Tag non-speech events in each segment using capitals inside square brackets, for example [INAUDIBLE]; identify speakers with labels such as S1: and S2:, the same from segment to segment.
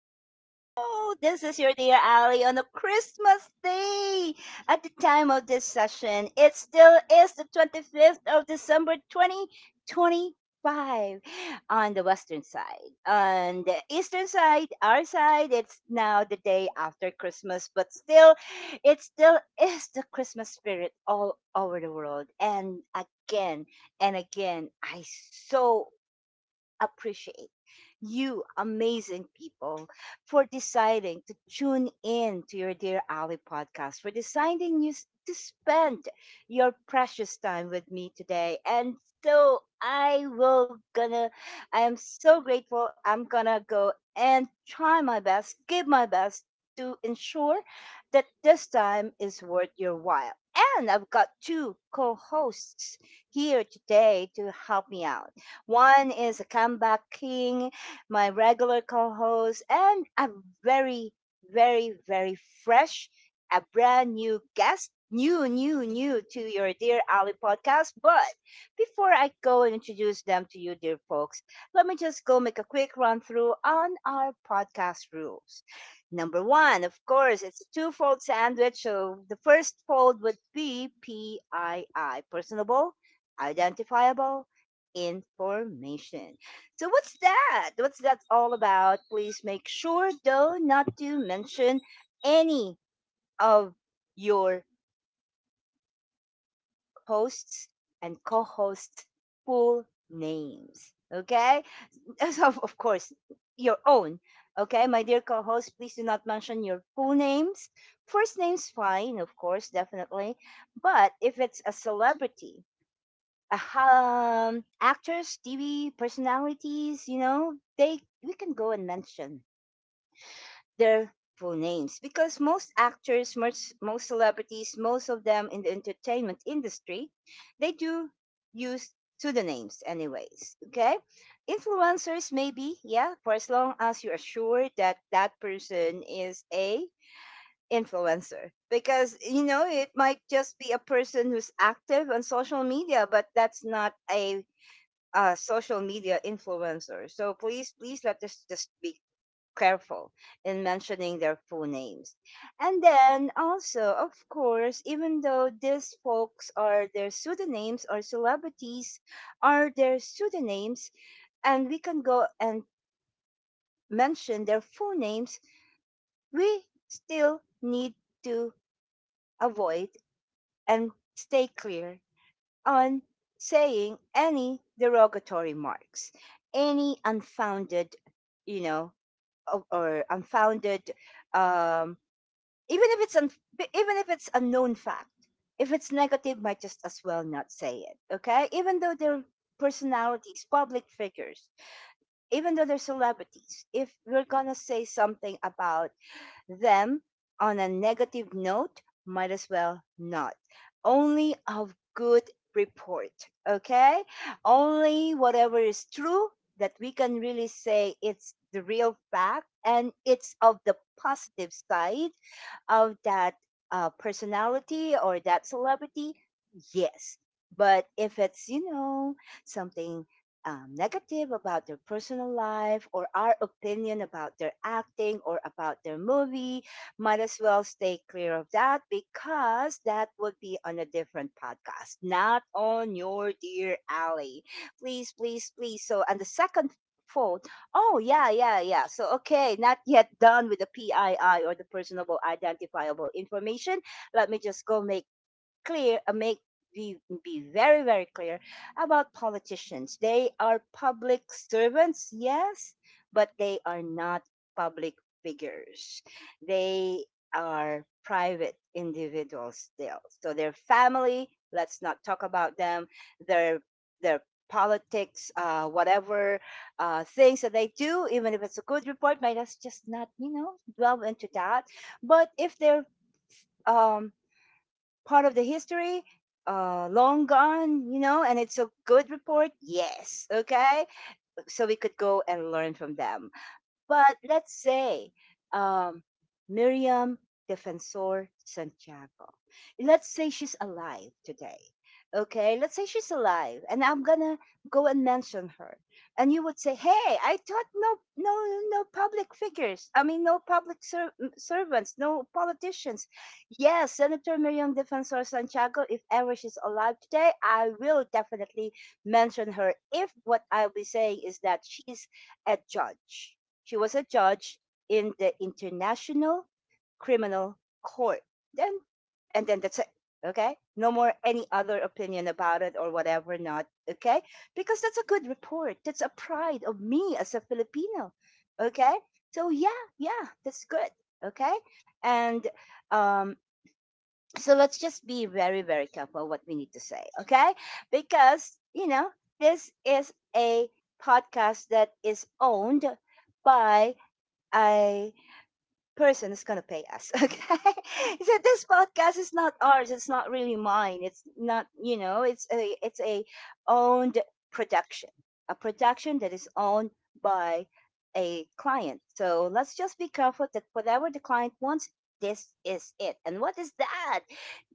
S1: Hello! This is your dear Ali on a Christmas day! At the time of this session, it still is the 25th of December 2025 on the western side. On the eastern side, our side, it's now the day after Christmas, but still, it still is the Christmas spirit all over the world. And again, I so appreciate you, amazing people, for deciding to tune in to your Dear Ali podcast, for deciding to spend your precious time with me today. And so I will gonna, I am so grateful. I'm gonna go and try my best, give my best to ensure that this time is worth your while. And I've got two co hosts here today to help me out. One is a comeback king, my regular co host, and a very, very, very fresh, a brand new guest. New, new, new to your Dear Ali podcast. But before I go and introduce them to you, dear folks, let me just go make a quick run through on our podcast rules. Number 1, of course, it's a two fold sandwich. So the first fold would be PII, personable, identifiable, information. So, what's that? What's that all about? Please make sure, though, not to mention any of your hosts and co hosts' full names. Okay? [LAUGHS] So, of course, your own. Okay, my dear co host, please do not mention your full names. First name's fine, of course, definitely. But if it's a celebrity, actors, TV personalities, you know, they we can go and mention their full names because most actors, most celebrities, most of them in the entertainment industry, they do use pseudonyms anyways. Okay, influencers maybe, yeah, for as long as you're sure that that person is a influencer, because you know it might just be a person who's active on social media but that's not a social media influencers. So please, please let us just be careful in mentioning their full names. And then also, of course, even though these folks are their pseudonyms or celebrities are their pseudonyms, and we can go and mention their full names, we still need to avoid and stay clear on saying any derogatory marks, any unfounded, you know, or unfounded, um, even if it's un- even if it's a known fact, if it's negative, might just as well not say it. Okay, even though they're personalities, public figures, even though they're celebrities, if we're gonna say something about them on a negative note, might as well not. Only of good report, okay? Only whatever is true, that we can really say it's the real fact and it's of the positive side of that personality or that celebrity, yes. But if it's, you know, something negative about their personal life or our opinion about their acting or about their movie, might as well stay clear of that because that would be on a different podcast, not on your dear alley. Please, please, please. So, and the second fold, oh, yeah, yeah, yeah. So, okay, not yet done with the PII or the personable identifiable information. Let me just go make clear, make be, be very very clear about politicians. They are public servants, yes, but they are not public figures. They are private individuals still, so their family, let's not talk about them, their their politics, whatever things that they do, even if it's a good report, might us just not, you know, delve into that. But if they're um, part of the history, long gone, you know, and it's a good report, yes, okay, so we could go and learn from them. But let's say um, Miriam Defensor Santiago. Let's say she's alive today. Okay, let's say she's alive, and I'm gonna go and mention her, and you would say, "Hey, I thought no, no, no public figures. I mean, no servants, no politicians." Yes, Senator Miriam Defensor Santiago. If ever she's alive today, I will definitely mention her. If what I'll be saying is that a judge she was a judge in the International Criminal Court. Then, and then that's it. Okay. No more any other opinion about it or whatever, not. Okay. Because that's a good report. That's a pride of me as a Filipino. Okay. So, yeah, yeah, that's good. Okay. And um, so let's just be very, very careful what we need to say. Okay. Because, you know, this is a podcast that is owned by a person is going to pay us. [LAUGHS] Okay, he said this podcast is not ours, it's not really mine, it's not, you know, it's a owned production, a production that is owned by a client. So let's just be careful that whatever the client wants, this is it. And what is that?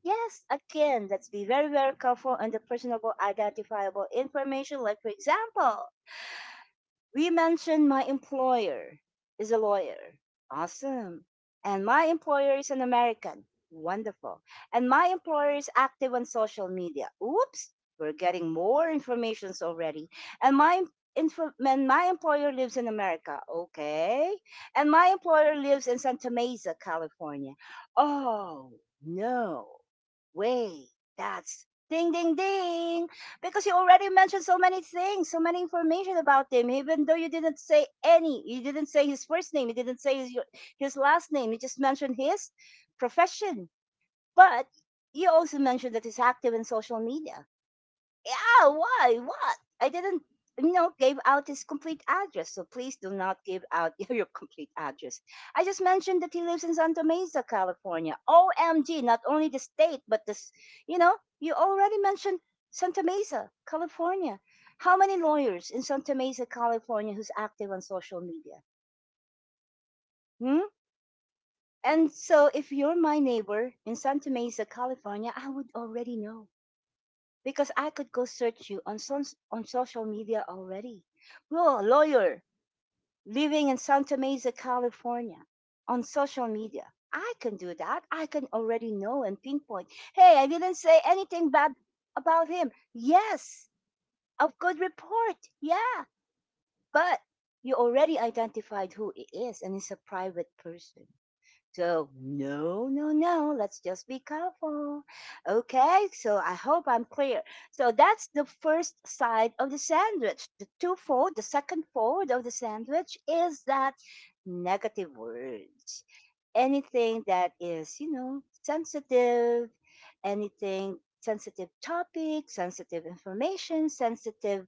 S1: Yes, again, let's be very very careful on the personable identifiable information, like for example, we mentioned my employer is a lawyer. Awesome. And my employer is an American. Wonderful. And my employer is active on social media. Oops, we're getting more informations already. And and my employer lives in America. Okay. And my employer lives in Santa Mesa, California. Oh, no. Wait, that's ding ding ding, because you already mentioned so many things, so many information about him, even though you didn't say any. You didn't say his first name, you didn't say his last name, you just mentioned his profession. But you also mentioned that he's active in social media. Oh, why? What? I didn't, you know, gave out his complete address. So please do not give out [LAUGHS] your complete address. I just mentioned that he lives in Santa Mesa, California. OMG, not only the state, but this, you know, you already mentioned Santa Mesa, California. How many lawyers in Santa Mesa, California who's active on social media? Hmm? And so if you're my neighbor in Santa Mesa, California, I would already know, because I could go search you on on social media already. You're a lawyer living in Santa Mesa, California, on social media. I can do that. I can already know and pinpoint. Hey, I didn't say anything bad about him. Yes, a good report. Yeah, but you already identified who he is, and he's a private person. So, no, no, no, let's just be careful. Okay, so I hope I'm clear. So, that's the first side of the sandwich. The two fold, the second fold of the sandwich is that negative words. Anything that is, you know, sensitive, anything sensitive topic, sensitive information, sensitive,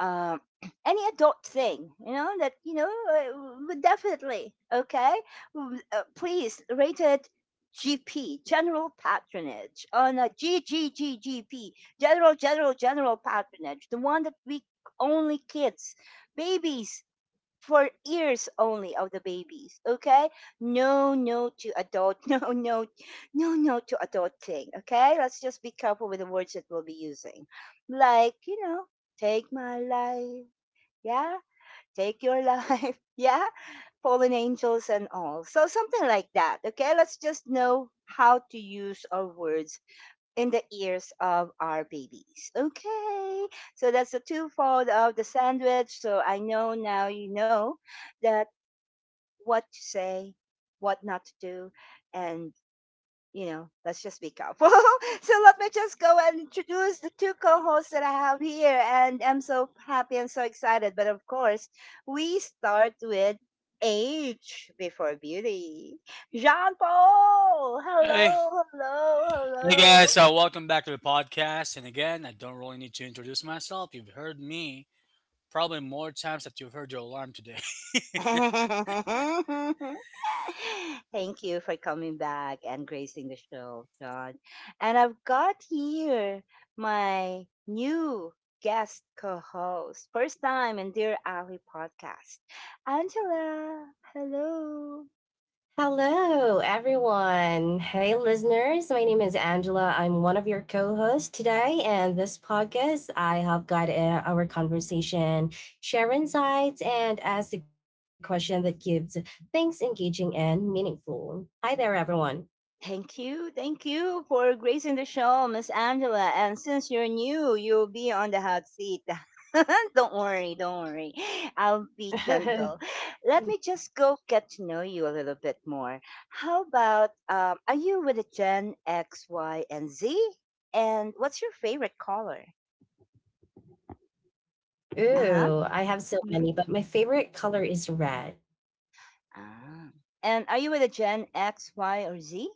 S1: um, [CLEARS THROAT] any adult thing, you know, that, you know, would definitely, okay? Please, rated GP, General Patronage, on a GGGGP, General Patronage, the one that we only kids, babies, for ears only of the babies. Okay, no, no to adult, [LAUGHS] no, no, no, no to adult thing. Okay, let's just be careful with the words that we'll be using, like you know, take my life, yeah, take your life, [LAUGHS] yeah, fallen angels and all. So something like that. Okay, let's just know how to use our words in the ears of our babies. Okay. So that's the twofold of the sandwich. So I know now you know that what to say, what not to do, and you know, let's just be careful. [LAUGHS] So let me just go and introduce the two co-hosts that I have here, and I'm so happy and so excited. But of course, we start with age before beauty. Jean Paul,
S2: Hey,
S1: hello,
S2: hey
S1: hello,
S2: guys, so welcome back to the podcast. And again, I don't really need to introduce myself. You've heard me probably more times that you've heard your alarm today.
S1: hello. [LAUGHS] [LAUGHS] Thank you for coming back and gracing the show, John. And I've got here my new guest co-host, first time in Dear Ali podcast, Angela. Hello.
S3: Hello, everyone. Hey, listeners. My name is Angela. I'm one of your co hosts today. And this podcast, I have got our conversation, share insights, and ask the question that gives things engaging and meaningful. Hi there, everyone.
S1: Thank you. Thank you for gracing the show, Miss Angela. And since you're new, you'll be on the hot seat. [LAUGHS] Don't worry, don't worry. I'll be gentle.
S3: [LAUGHS]
S1: Let me just go get to know you a little bit more. How about, are you with a Gen X, Y, and Z? And what's your favorite color? Uh huh.
S3: Ooh, I have so
S1: Hmm.
S3: many, but my favorite color is red.
S1: Ah. And are you with a Gen X, Y, or Z?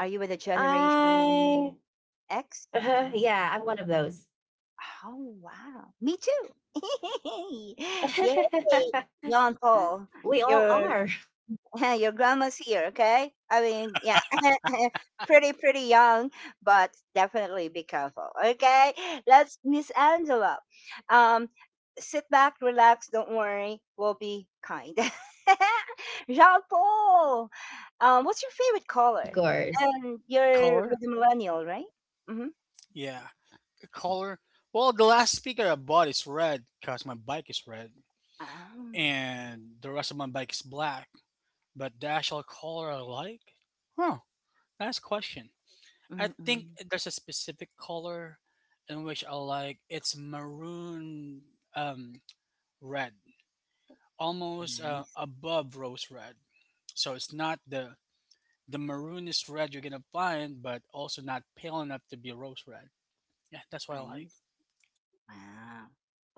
S1: Are you with a Generation
S3: I,
S1: X?
S3: [LAUGHS] yeah, I'm one of those.
S1: Oh, wow. Me too. [LAUGHS] Yay.
S3: [LAUGHS]
S1: John Paul,
S3: We all
S1: your
S3: are,
S1: [LAUGHS] your grandma's here, okay? I mean, yeah. [LAUGHS] Pretty pretty young, but definitely be careful, okay? Let's Miss Angela. Um Sit back, relax, don't worry. We'll be kind. [LAUGHS] Jean Paul, what's your favorite
S3: of
S1: color?
S3: course.
S1: And
S2: [LAUGHS]
S1: you're with
S2: Color?
S1: the millennial, right? Mm-hmm.
S2: Yeah, color. Well, the last speaker I bought is red because my bike is red,
S1: Ah,
S2: and the rest of my bike is black. But the actual color I like? Huh, nice question. I think
S1: mm-mm.
S2: there's a specific color in which I like. It's maroon, um, red. Almost
S1: Nice.
S2: above rose red. So it's not the maroonest red you're gonna find, but also not pale enough to be rose red. Yeah, that's what I like.
S1: Nice. Wow.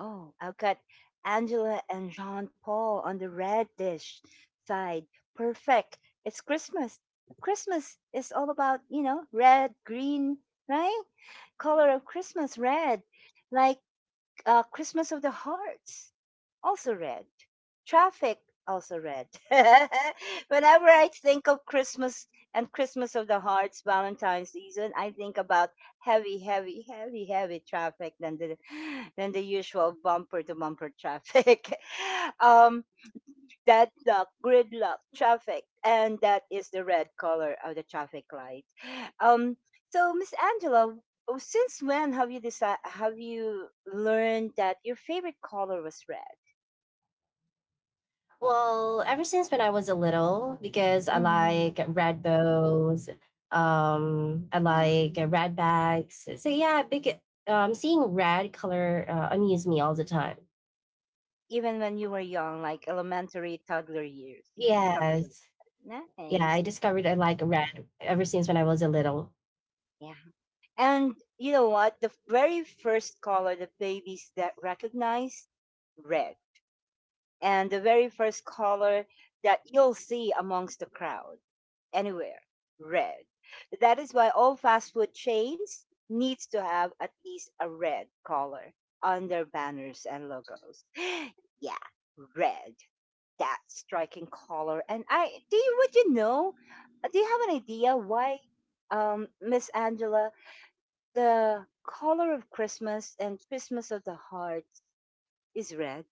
S1: Oh, I've got Angela and Jean Paul on the red dish side. Perfect. It's Christmas. Christmas is all about, you know, red, green, right? Color of Christmas, red. Like Christmas of the hearts also red. Traffic, also red. [LAUGHS] Whenever I think of Christmas and Christmas of the Hearts, Valentine's season, I think about heavy traffic than the [GASPS] than the usual bumper to bumper traffic. [LAUGHS] um, that luck, gridlock traffic, and that is the red color of the traffic light. Um, so, Miss Angela, since when have you decided? Have you learned that your favorite color was red?
S3: Well, ever since when I was a little, because I
S1: Mhm.
S3: like red bows, I
S1: Ah.
S3: like red bags. So yeah, big seeing red color amuse me all the time.
S1: Even when you were young, like elementary toddler years, something
S3: Yes,
S1: like that.
S3: yeah, I
S1: Nice.
S3: discovered I like red ever since when I was a little.
S1: Yeah. And you know what? The very first color the babies that recognize, red. And the very first color that you'll see amongst the crowd anywhere, red. That is why all fast food chains needs to have at least a red color on their banners and logos. [GASPS] Yeah, red. That striking color. And I do you would you know? Do you have an idea why, Miss Angela, the color of Christmas and Christmas of the heart is red?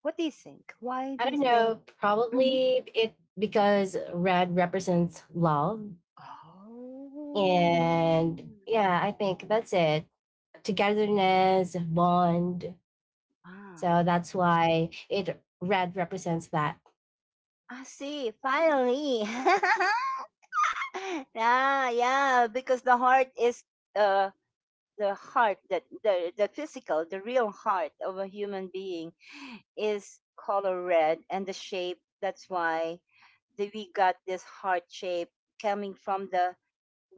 S1: What do you think? Why do
S3: I
S1: you
S3: don't
S1: think?
S3: know,
S1: Mhm.
S3: probably it because red represents love,
S1: Oh,
S3: and yeah, I think that's it. Togetherness, bond,
S1: wow!
S3: so that's why it red represents that.
S1: I see. Finally, [LAUGHS] yeah, yeah. Because the heart is uh the heart that the physical the real heart of a human being is color red, and the shape, that's why we got this heart shape coming from the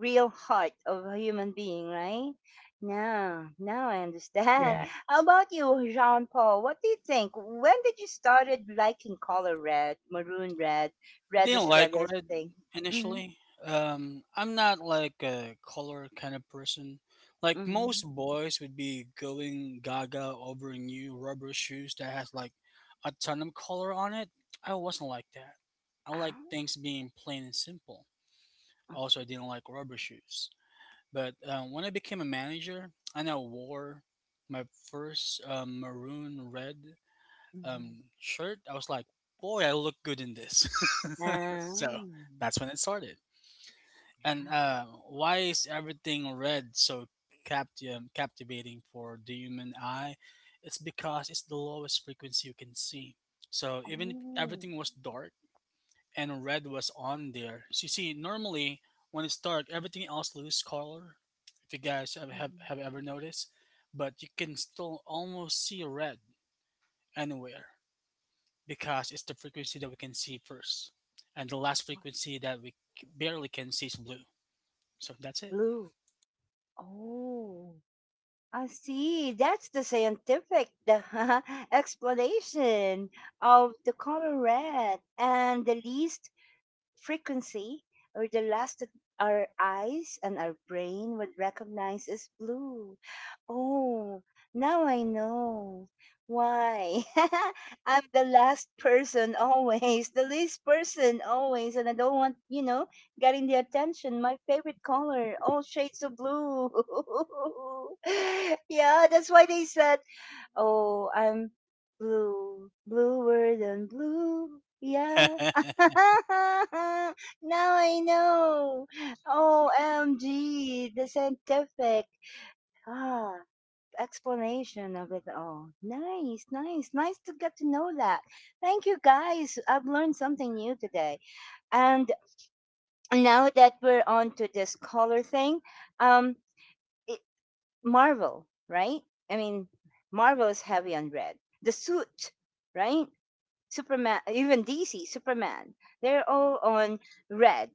S1: real heart of a human being, right now now I understand.
S3: Correct.
S1: [LAUGHS] How about you, Jean Paul? What do you think? When did you started liking color red, maroon red,
S2: I didn't
S1: reddish
S2: like
S1: reddish
S2: red
S1: thing? Mm-hmm.
S2: initially. I'm not like a color kind of person. Like
S1: Mm-hmm.
S2: most boys would be going gaga over new rubber shoes that has like a ton of color on it. I wasn't like that. I like
S1: Ah,
S2: things being plain and simple. Also, I didn't like rubber shoes. But when I became a manager I now wore my first maroon red
S1: mm-hmm.
S2: shirt, I was like, boy, I look good in this. [LAUGHS] So
S1: Mm-hmm. Ah.
S2: that's when it started. And why is everything red so captivating for the human eye? It's because it's the lowest frequency you can see. So even if
S1: Oh.
S2: everything was dark, and red was on there. So you see, normally when it's dark, everything else loses color. If you guys have, have,
S1: Mhm.
S2: have ever noticed, but you can still almost see red anywhere because it's the frequency that we can see first, and the last frequency that barely can see is blue. So that's it.
S1: Blue. Oh, I see. That's the scientific [LAUGHS] explanation of the color red, and the least frequency or the last that our eyes and our brain would recognize as blue. Oh, now I know why. [LAUGHS] I'm the last person, [LAUGHS] always, the least person always, and I don't want, you know, getting the attention. My favorite color, all shades of blue. [LAUGHS] Yeah, that's why they said, oh, I'm blue, bluer than blue. Yeah. [LAUGHS] Now I know. OMG, the scientific ah, explanation of it all. Nice, nice, nice to get to know that. Thank you guys. I've learned something new today. And now that we're on to this color thing, um, it, Marvel, right? I mean, Marvel is heavy on red. The suit, right? Superman, even DC, Superman, they're all on red,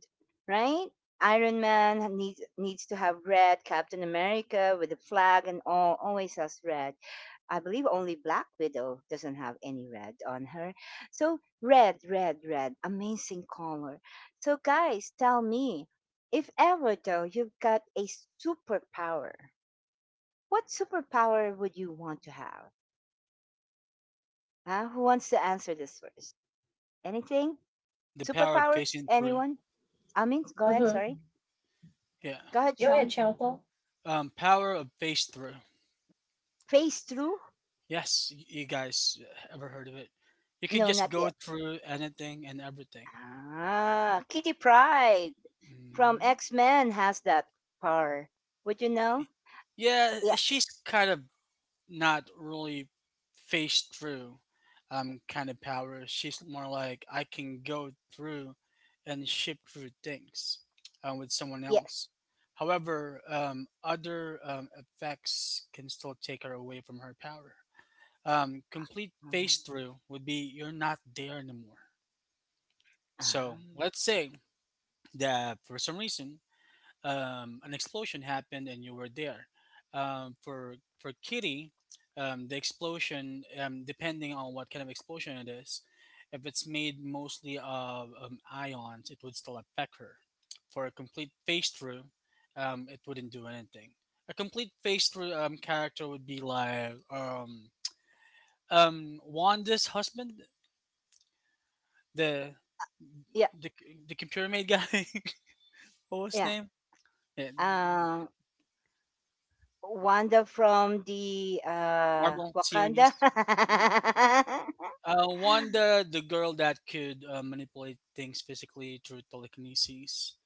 S1: right? Iron Man needs to have red. Captain America with the flag and all always has red. I believe only Black Widow doesn't have any red on her. So red, red, red, amazing color. So guys, tell me, if ever though you've got a superpower, what superpower would you want to have? Huh? Who wants to answer this first? Anything?
S2: [LAUGHS] The power of
S1: Superpowers?
S2: phasing through.
S1: Anyone? I mean, go ahead. Sorry.
S3: Mm-hmm.
S2: Yeah.
S1: Go ahead,
S3: Go ahead,
S1: Sean.
S3: Chantal.
S2: Power of phase through.
S1: Phase through?
S2: Yes, you guys ever heard of it? You could
S1: No, not
S2: just go
S1: yet.
S2: through anything and everything.
S1: Ah, Kitty Pride from
S2: Mhm.
S1: X Men has that power. Would you know?
S2: Yeah,
S1: Yeah.
S2: she's kind of not really faced through kind of power. She's more like I can go through and ship through things with someone
S1: Yes.
S2: else. However, other effects can still take her away from her power. Complete
S1: Um,
S2: face through would be you're not there anymore. So
S1: um,
S2: let's say that for some reason an explosion happened and you were there. For Kitty, the explosion, depending on what kind of explosion it is, if it's made mostly of ions, it would still affect her. For a complete phase through, it wouldn't do anything. A complete phase through character would be like Wanda's husband, the
S1: yeah.
S2: the the computer made guy. [LAUGHS] What was his
S1: Yeah.
S2: name? Yeah,
S1: Um, Wanda from the
S2: Marvel
S1: Wakanda.
S2: series.
S1: [LAUGHS]
S2: Wanda, the girl that could manipulate things physically through telekinesis,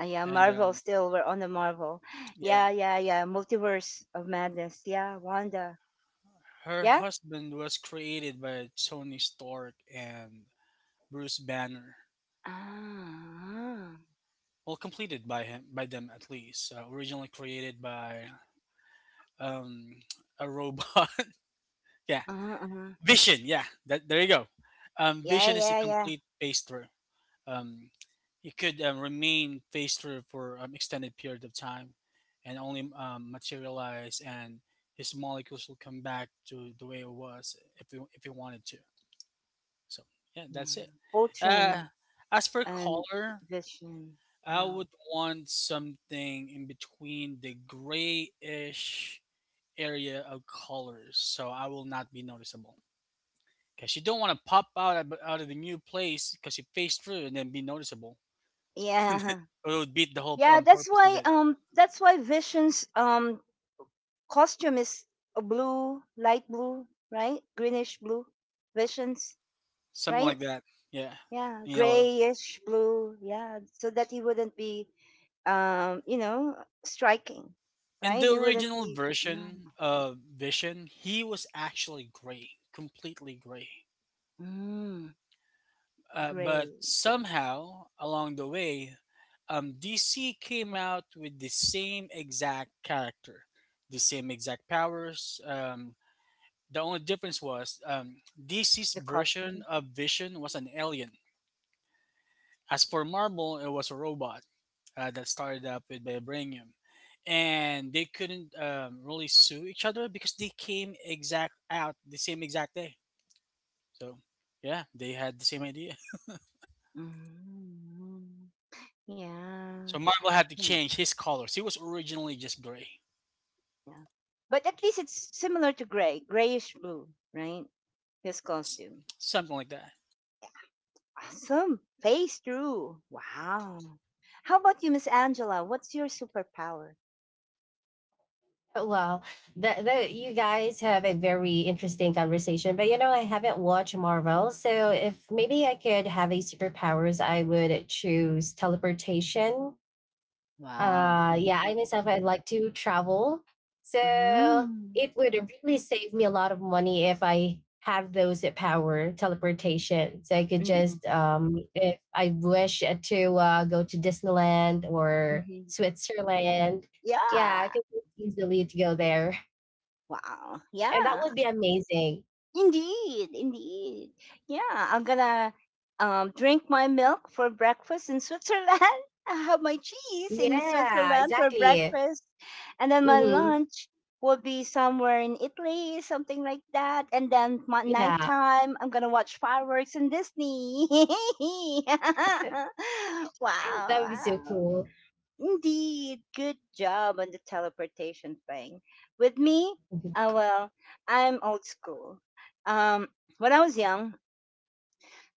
S1: Yeah,
S2: and
S1: Marvel still. We're on the Marvel.
S2: yeah,
S1: Yeah, yeah, yeah. Multiverse of Madness. Yeah, Wanda.
S2: her
S1: Yeah?
S2: husband was created by Tony Stark and Bruce Banner.
S1: Ah.
S2: Well, completed by him, by them at least. Originally created by um, a robot. [LAUGHS] Yeah,
S1: Uh-huh, uh-huh.
S2: Vision. Yeah, that, there you go.
S1: Yeah,
S2: Vision is a
S1: yeah, yeah.
S2: complete paste um, it could remain phase through for an extended period of time and only materialize and his molecules will come back to the way it was if he wanted to, so yeah,
S1: Yeah.
S2: that's it. uh,
S1: Ultron
S2: as for
S1: and
S2: color
S1: Vision.
S2: I
S1: Wow.
S2: would want something in between the grayish area of colors so I will not be noticeable because you don't want to pop out of, the new place because you face through and then be noticeable.
S1: Yeah.
S2: It would beat the whole
S1: Yeah, that's
S2: purpose of
S1: why
S2: it.
S1: Vision's costume is a blue, light blue, right? Greenish blue. Visions,
S2: Something
S1: right?
S2: like that. Yeah.
S1: Yeah,
S2: In yellow.
S1: grayish blue, yeah, so that he wouldn't be, you know, striking,
S2: In
S1: right?
S2: the
S1: He wouldn't
S2: original
S1: be
S2: version of Vision, he was actually gray, completely gray.
S1: mm,
S2: But
S1: gray.
S2: somehow along the way, DC came out with the same exact character, the same exact powers. The only difference was DC's
S1: The
S2: version
S1: costume,
S2: of Vision was an alien. As for Marvel, it was a robot. That started up with vibranium, and they couldn't really sue each other because they came exact out the same exact day. So yeah, they had the same idea. [LAUGHS]
S1: mm, yeah,
S2: So Marvel had to
S1: yeah,
S2: change his colors. He was originally just gray,
S1: yeah. But at least it's similar to gray, grayish blue, right? His
S2: S-
S1: costume,
S2: something like that.
S1: awesome, face through. Wow. How about you, Miss Angela? What's your superpower?
S3: Well, the you guys have a very interesting conversation, but you know, I haven't watched Marvel. So if maybe I could have a superpowers, I would choose teleportation.
S1: Wow.
S3: Yeah, I
S1: Mm-mm.
S3: myself I'd like to travel, so
S1: Mm-mm.
S3: it would really save me a lot of money if I have those at power teleportation, so I could just if I wish to go to Disneyland or
S1: Mm-mm.
S3: Switzerland. Yeah, I
S1: Yeah.
S3: could just easily to go there,
S1: Wow.
S3: and that
S1: Yeah.
S3: would be amazing.
S1: Indeed. Indeed. Yeah. I'm gonna drink my milk for breakfast in Switzerland. [LAUGHS] I have my cheese in
S3: Yeah,
S1: Switzerland for
S3: exactly.
S1: breakfast. And then my
S3: Hmm,
S1: lunch will be somewhere in Italy, something like that. And then my
S3: yeah,
S1: nighttime, I'm gonna watch fireworks in Disney. [LAUGHS]
S3: that
S1: Wow.
S3: would be so cool.
S1: Indeed, good job on the teleportation thing. With me, well, I'm old school. Um, when I was young,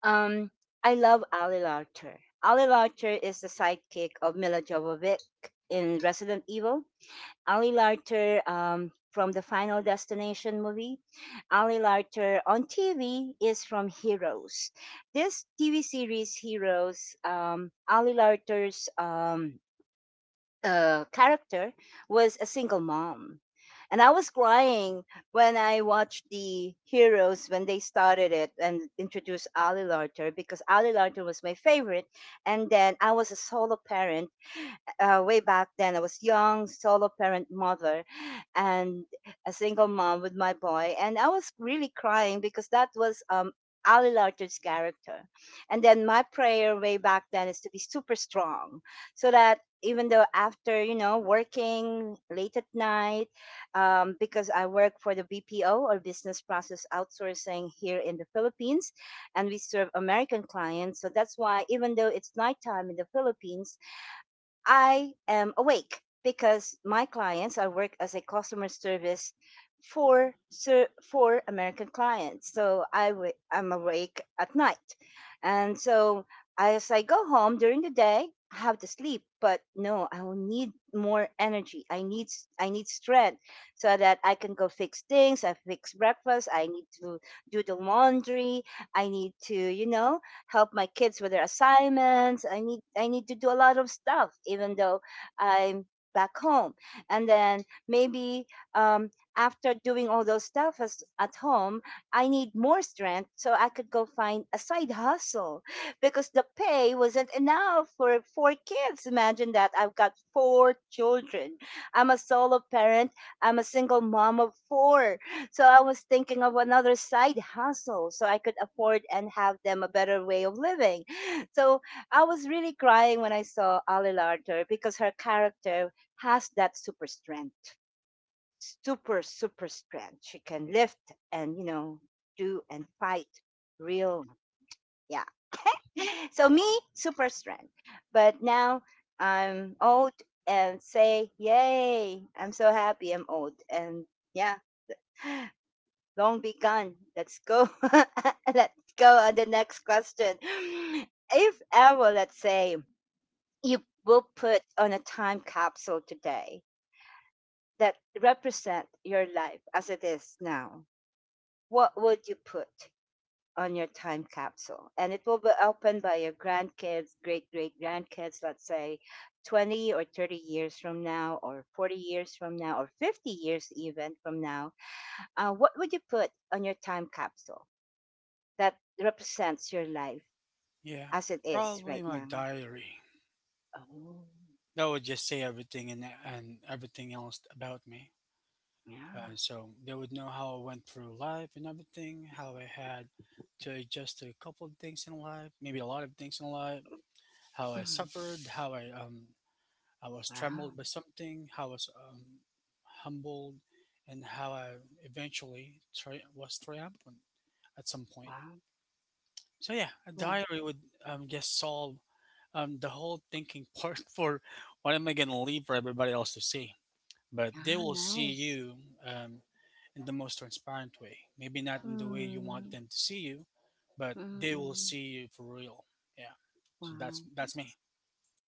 S1: um, I love Ali Larter. Ali Larter is the sidekick of Mila Jovovich in Resident Evil. Ali Larter from the Final Destination movie. Ali Larter on TV is from Heroes. This TV series, Heroes, Ali Larter's character was a single mom. And I was crying when I watched the heroes when they started it and introduced Ali Larter because Ali Larter was my favorite. And then I was a solo parent way back then, I was young, solo parent mother, and a single mom with my boy, and I was really crying because that was Ali Larter's character. And then my prayer way back then is to be super strong, so that even though after you know working late at night, because I work for the BPO or business process outsourcing here in the Philippines, and we serve American clients, so that's why even though it's nighttime in the Philippines I am awake because my clients, I work as a customer service for American clients. So I'm awake at night. And so as I go home during the day, I have to sleep, but no, I will need more energy. I need strength so that I can go fix things. I fix breakfast. I need to do the laundry. I need to, you know, help my kids with their assignments. I need to do a lot of stuff, even though I'm back home. And then maybe um, after doing all those stuff as, at home, I need more strength so I could go find a side hustle [LAUGHS] because the pay wasn't enough for four kids. Imagine that. I've got four children. I'm a solo parent. I'm a single mom of four. So I was thinking of another side hustle so I could afford and have them a better way of living. [GASPS] [LAUGHS] So I was really crying when I saw Ali Larter because her character has that super strength. Super, super strength. She can lift and, you know, do and fight real. Yeah. [GASPS] [LAUGHS] So me, super strength. But now I'm old and say, yay, I'm so happy I'm old. And yeah long be gone. Let's go. [LAUGHS] Let's go on the next question. [SIGHS] If ever, let's say, you will put on a time capsule today that represent your life as it is now, what would you put on your time capsule? And it will be opened by your grandkids, great great grandkids, let's say 20 or 30 years from now, or 40 years from now, or 50 years even from now. What would you put on your time capsule that represents your life
S2: Yeah,
S1: as it is
S2: probably
S1: right
S2: my
S1: now?
S2: diary.
S1: Oh,
S2: That would just say everything and everything else about me.
S1: yeah.
S2: So they would know how I went through life and everything, how I had to adjust to a couple of things in life, maybe a lot of things in life, how I
S1: Mm.
S2: suffered, how I was
S1: Wow.
S2: trembled by something, how I was humbled, and how I eventually was triumphant at some point.
S1: Wow.
S2: So yeah, a
S1: Yeah.
S2: diary would guess solve the whole thinking part [LAUGHS] for what am I gonna leave for everybody else to see. But they
S1: Yeah.
S2: will see
S1: Nice.
S2: you um in the most transparent way. Maybe not in the way you want
S1: Mm.
S2: them to see you, but they will
S1: Mm-mm.
S2: see you for real. Yeah. So that's
S1: Wow.
S2: that's me.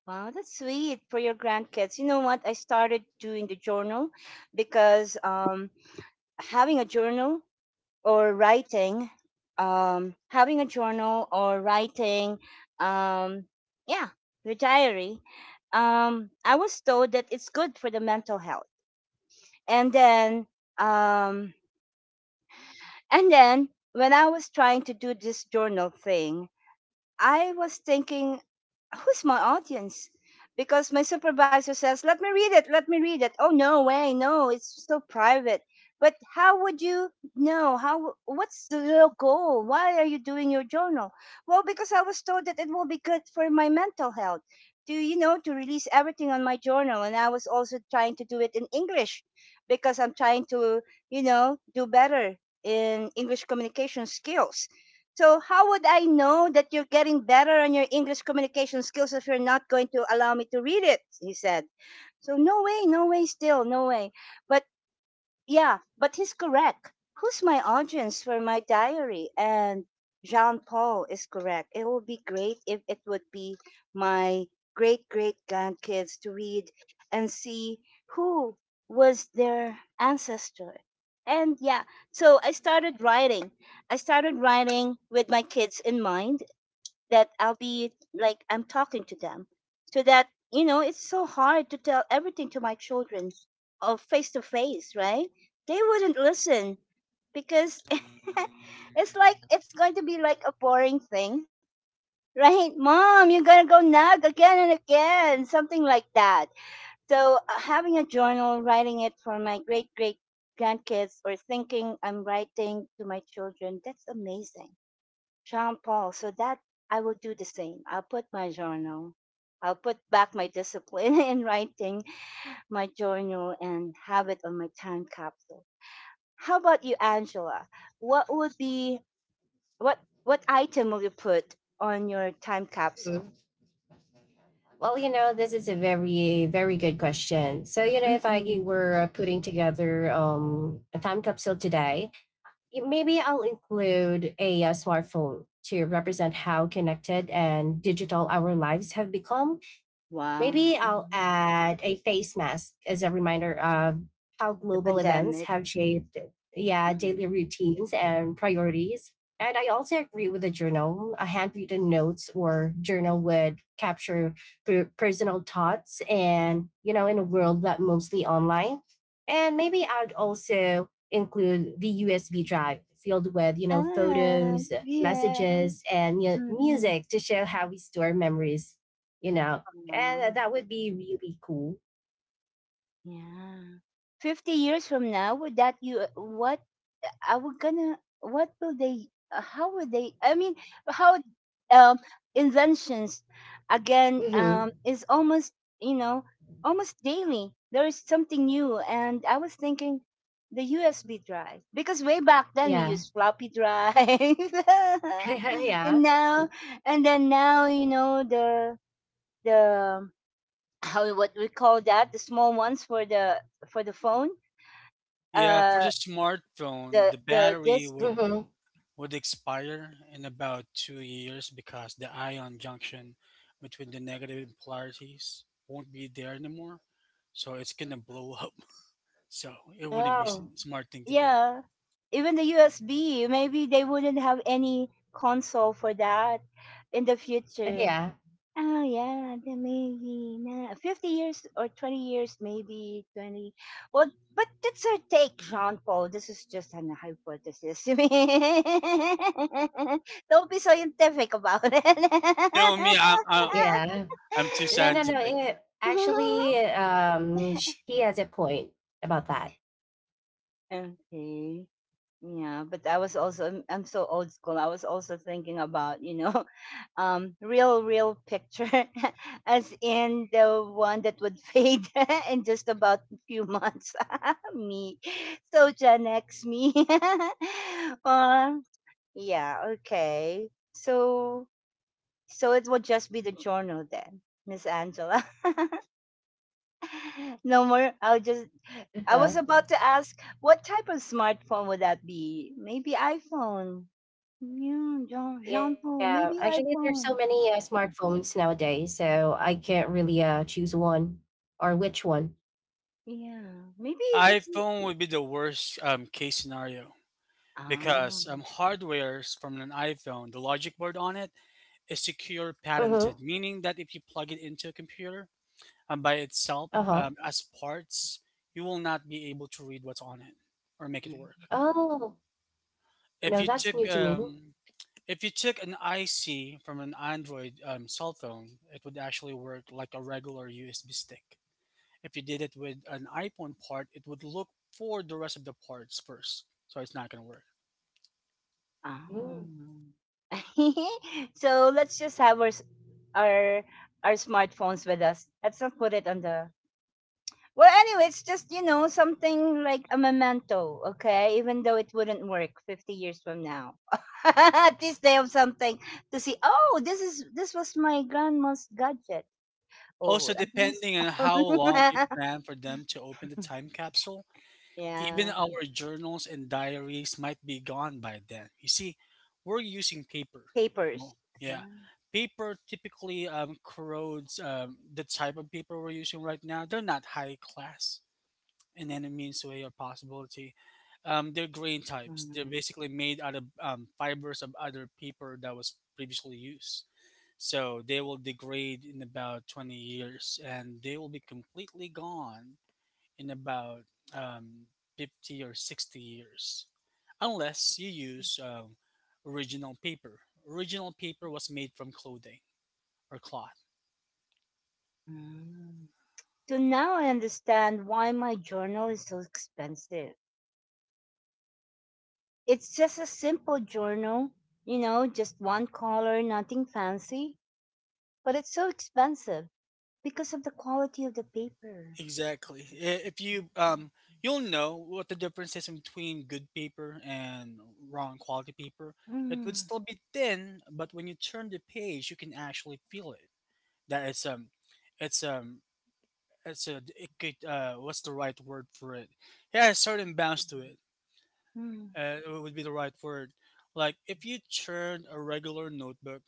S1: Wow. That's sweet for your grandkids. You know what? I started doing the journal because having a journal or writing having a journal or writing um yeah your diary, I was told that it's good for the mental health. And then um and then when I was trying to do this journal thing I was thinking, who's my audience? Because my supervisor says, let me read it, let me read it. Oh, no way, no, it's so private. But how would you know? How? What's the goal? Why are you doing your journal? Well, because I was told that it will be good for my mental health to, you know, to release everything on my journal. And I was also trying to do it in English because I'm trying to, you know, do better in English communication skills, so how would I know that you're getting better on your English communication skills if you're not going to allow me to read it? He said. So no way, no way still, no way. But yeah, but he's correct. Who's my audience for my diary? And Jean Paul is correct. It would be great if it would be my great great grandkids to read and see who was their ancestor. And yeah, so I started writing. I started writing with my kids in mind, that I'll be like I'm talking to them. So that, you know, it's so hard to tell everything to my children of face to face, right? They wouldn't listen because [LAUGHS] it's like it's going to be like a boring thing. Right, mom, you're gonna go nag again and again, something like that. So, having a journal, writing it for my great great grandkids, or thinking I'm writing to my children, that's amazing. Jean Paul. So that I will do the same. I'll put my journal. I'll put back my discipline [LAUGHS] in writing my journal and have it on my time capsule. How about you, Angela? What would be what item will you put on your time capsule?
S3: [LAUGHS] Well, you know, this is a very, very good question. So, you know, if I
S1: Mm-mm.
S3: were putting together a time capsule today, maybe I'll include a smartphone to represent how connected and digital our lives have become. Maybe
S1: Wow,
S3: I'll
S1: mm.
S3: add a face mask as a reminder of how
S1: The
S3: global events
S1: pandemic.
S3: have shaped, yeah,
S1: Mm.
S3: daily routines and priorities. And I also agree with the journal. A handwritten notes or journal would capture personal thoughts and, you know, in a world that mostly online. And maybe I'd also include the USB drive filled with, you know,
S1: Ah,
S3: photos,
S1: yeah.
S3: messages, and you know,
S1: Mm-mm.
S3: music to show how we store memories, you know,
S1: Wow.
S3: and that would be really cool.
S1: Yeah. 50 years from now would that you, what I would gonna what will they, how would they, I mean, how, um inventions, again,
S3: Mm-hmm.
S1: is almost, you know almost daily there is something new. And I was thinking the USB drive, because way back then we
S3: Yeah.
S1: used floppy drive [LAUGHS] and
S3: [LAUGHS] Yeah.
S1: now. And then now, you know, the how, what we call that, the small ones for the phone,
S2: Yeah, for
S1: uh
S2: the smartphone,
S1: the
S2: the
S1: the
S2: battery
S1: disk.
S2: would
S3: Mm-hmm.
S2: would expire in about 2 years because the ion junction between the negative polarities won't be there anymore. So it's gonna blow up. [LAUGHS] So it wouldn't be
S3: Oh,
S2: smart thing to do.
S1: Yeah, even the USB maybe they wouldn't have any console for that in the future.
S3: yeah,
S1: Oh yeah, the maybe, nah, 50 years or 20 years, maybe 20. Well, but that's our take, Jean Paul. This is just an hypothesis. [LAUGHS] Don't be scientific about it.
S2: You know me,
S3: yeah.
S2: I'm too
S3: No, no, no.
S2: scientific.
S3: Actually,
S1: [LAUGHS]
S3: he has a point about that.
S1: Okay. Yeah, but I was also I'm so old school. I was also thinking about, you know, [LAUGHS] real picture. [LAUGHS] As in the one that would fade [LAUGHS] in just about a few months. [LAUGHS] Me. So Gen X me. [LAUGHS] uh, yeah, okay. So it will just be the journal then, Miss Angela. [LAUGHS] No more. I'll just. I was about
S3: Uh-huh.
S1: to ask, what type of smartphone would that be? Maybe iPhone. Yeah, Jean, jambon,
S3: Yeah,
S1: maybe
S3: actually, there's so
S1: iPhone.
S3: many smartphones nowadays, so I can't really choose one or which one.
S1: Yeah, maybe
S2: The
S1: if it's.
S2: iPhone would be the worst case scenario
S1: Ah.
S2: because hardware's from an iPhone, the logic board on it is
S3: Uh
S2: secure
S3: huh.
S2: patented, meaning that if you plug it into a computer, by
S3: Uh
S2: itself
S3: huh.
S2: as parts, you will not be able to read what's on it or make it work.
S1: Mm.
S3: Oh,
S2: If
S3: no,
S2: you
S3: that's
S2: took
S3: new to me.
S2: an IC from an Android cell phone, it would actually work like a regular USB stick. If you did it with an iPhone part, it would look for the rest of the parts first, so it's not going to work.
S3: Mm.
S1: Ah. [LAUGHS] So let's just have our our smartphones with us. Let's not put it on the. Well, anyway, it's just, something like a memento, okay? Even though it wouldn't work 50 years from now, [LAUGHS] at least they have something to see. Oh, this was my grandma's gadget.
S2: Also,
S1: Oh, at least.
S2: depending on how long you
S1: [LAUGHS]
S2: plan for them to open the time capsule, even
S1: Yeah.
S2: our journals and diaries might be gone by then. You see, we're using paper.
S1: Papers.
S2: No.
S1: Yeah.
S2: Yeah. Paper typically corrodes the type of paper we're using right now. They're not high class in any means, way, or possibility. They're grain types. They're
S1: Mm,
S2: basically made out of fibers of other paper that was previously used. So they will degrade in about 20 years and they will be completely gone in about um, 50 or 60 years, unless you use original paper. Original paper was made from clothing or cloth.
S1: mm. So now I understand why my journal is so expensive. It's just a simple journal, you know, just one color, nothing fancy, but it's so expensive because of the quality of the paper.
S2: Exactly. If you you'll know what the difference is between good paper and wrong quality paper. It would
S1: Mm,
S2: still be thin, but when you turn the page, you can actually feel it. That it's um, it's a it could what's the right word for it? Yeah, a certain bounce to it.
S1: mm,
S2: Would be the right word. Like if you churn a regular notebook,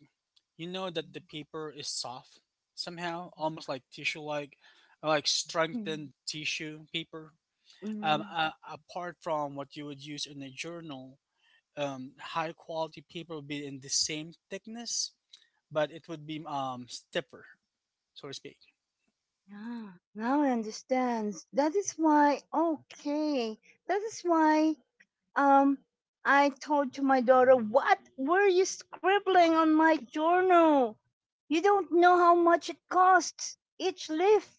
S2: you know that the paper is soft somehow, almost like tissue, like
S1: mm,
S2: strengthened tissue paper.
S1: mm.
S2: Apart from what you would use in a journal, high quality paper would be in the same thickness, but it would be stiffer, so to speak. [LAUGHS]
S1: Yeah, now I understand. That is why, okay, that is why. Um, I told to my daughter, what were you scribbling on my journal? You don't know how much it costs, each leaf.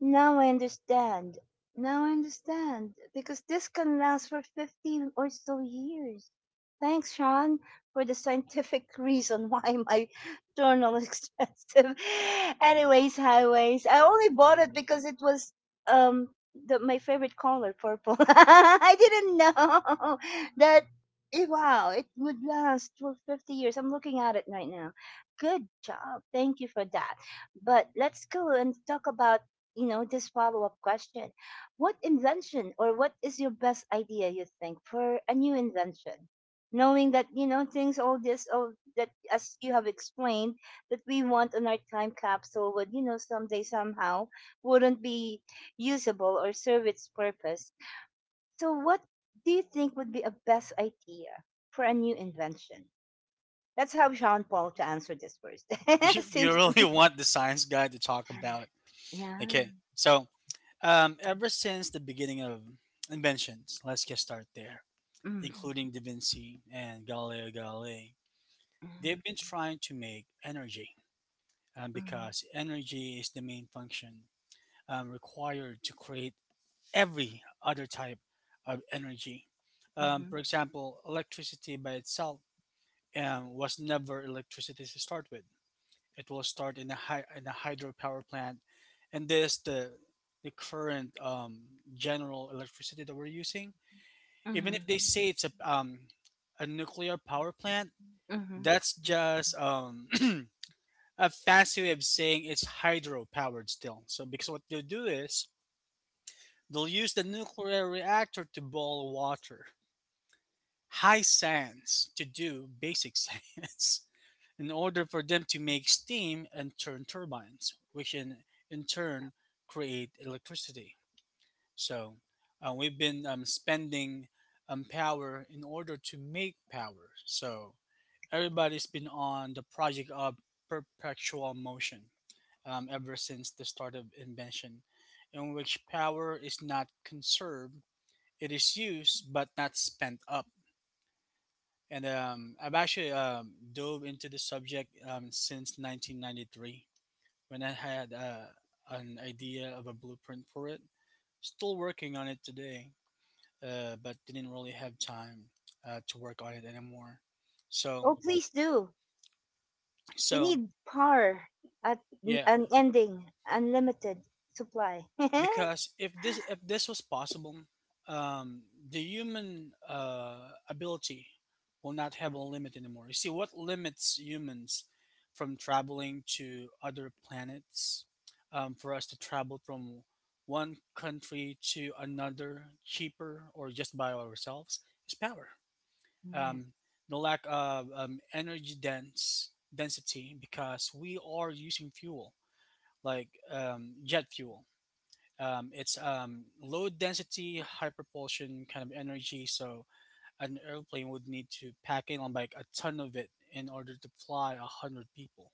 S1: Now I understand. Now I understand. Because this can last for 15 or so years. Thanks, Sean, for the scientific [LAUGHS] reason why my [LAUGHS] journal is expensive. [LAUGHS] Anyways, highways. I only bought it because it was um my favorite color, purple. [LAUGHS] I didn't know [LAUGHS] that. Wow, it would last for 50 years. I'm looking at it right now. Good job. Thank you for that. But let's go and talk about, you know, this follow up question. What invention or what is your best idea you think for a new invention? Knowing that, you know, things all this all that as you have explained that we want on our time capsule would, you know, someday somehow wouldn't be usable or serve its purpose. So what do you think would be a best idea for a new invention? Let's have Jean Paul to answer this first.
S2: You,
S1: [LAUGHS]
S2: you
S1: Since.
S2: really want the science guy to talk about.
S1: Yeah.
S2: Okay, so ever since the beginning of inventions, let's get start there,
S1: Mm.
S2: including Da Vinci and Galileo Galilei,
S1: Mm.
S2: they've been trying to make energy
S1: Mm.
S2: because energy is the main function required to create every other type of energy. For
S1: Mhm.
S2: example, electricity by itself was never electricity to start with. It will start in in a hydropower plant, and this the current general electricity that we're using. Even if they
S1: Mhm.
S2: say it's a nuclear power plant,
S1: Mhm.
S2: that's just [CLEARS THROAT] a fancy way of saying it's hydro powered still. So because what they'll do is they'll use the nuclear reactor to boil water. High science to do basic [LAUGHS] science. In order for them to make steam and turn turbines, which in turn create electricity. So we've been spending power in order to make power. So everybody's been on the project of perpetual motion ever since the start of invention, in which power is not conserved, it is used but not spent up. And I've actually dove into the subject since 1993 when I had an idea of a blueprint for it. Still working on it today, but didn't really have time to work on it anymore. So,
S1: Oh, please do. We
S2: so
S1: need at
S2: yeah.
S1: an ending, unlimited supply. [LAUGHS]
S2: Because if this was possible, um, the human ability will not have a limit anymore. You see, what limits humans from traveling to other planets, for us to travel from one country to another cheaper or just by ourselves, is power.
S1: Yes.
S2: Um, the lack of energy dense density because we are using fuel like jet fuel it's low density, high propulsion kind of energy. So an airplane would need to pack in on like a ton of it in order to fly 100 people.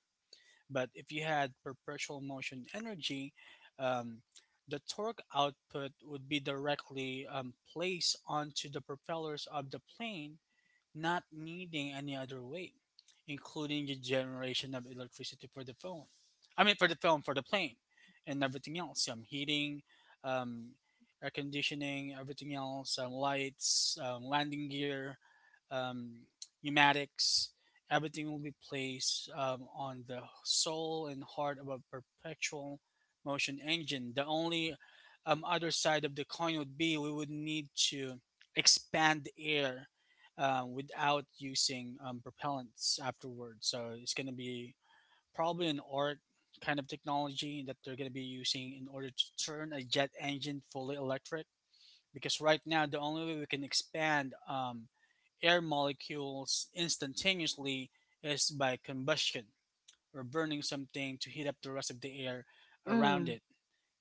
S2: But if you had perpetual motion energy, um, the torque output would be directly placed onto the propellers of the plane, not needing any other way, including the generation of electricity for the phone. I mean, for the phone, for the plane, and everything else. Heating, um, air conditioning, everything else, lights, landing gear, um, pneumatics. Everything will be placed on the soul and heart of a perpetual motion engine. The only other side of the coin would be we would need to expand the air without using propellants afterwards. So it's going to be probably an art kind of technology that they're going to be using in order to turn a jet engine fully electric. Because right now, the only way we can expand air molecules instantaneously is by combustion or burning something to heat up the rest of the air around
S1: Mm.
S2: it.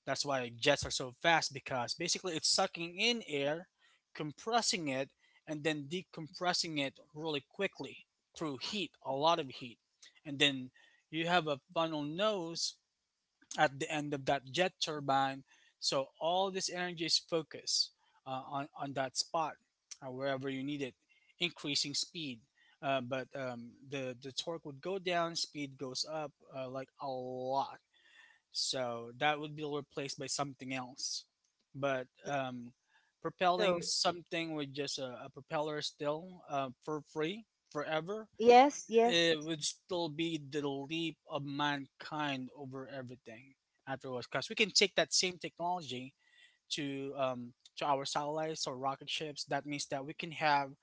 S2: That's why jets are so fast, because basically it's sucking in air, compressing it, and then decompressing it really quickly through heat, a lot of heat. And then you have a funnel nose at the end of that jet turbine. So all this energy is focused on that spot, wherever you need it, increasing speed. But the torque would go down, speed goes up like a lot, so that would be replaced by something else. But propelling
S1: So,
S2: something with just a propeller still for free forever,
S1: yes, yes.
S2: it would still be the leap of mankind over everything afterwards. Because we can take that same technology to to our satellites or rocket ships. That means that we can have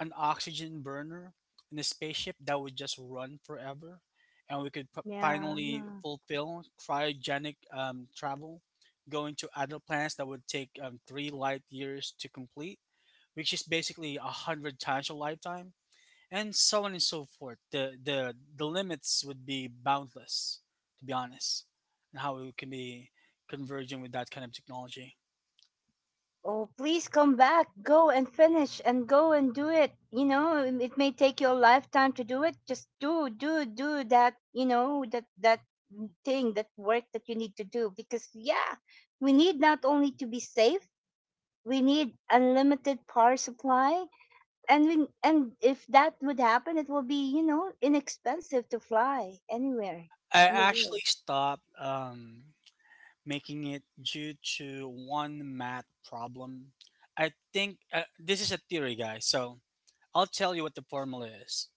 S2: an oxygen burner in a spaceship that would just run forever, and we could
S1: Yeah.
S2: finally
S1: Yeah.
S2: fulfill cryogenic travel, going to other planets that would take 3 light years to complete, which is basically 100 times your lifetime, and so on and so forth. The limits would be boundless, to be honest, and how we can be converging with that kind of technology.
S1: Oh, please come back. Go and finish and go and do it. You know, it may take your lifetime to do it. Just do, do, do that, you know, that thing, that work that you need to do. Because, yeah, we need not only to be safe, we need unlimited power supply. And if that would happen, it will be, inexpensive to fly anywhere
S2: I
S1: in the world.
S2: actually stopped making it due to one math problem. I think this is a theory, guys. So I'll tell you what the formula is.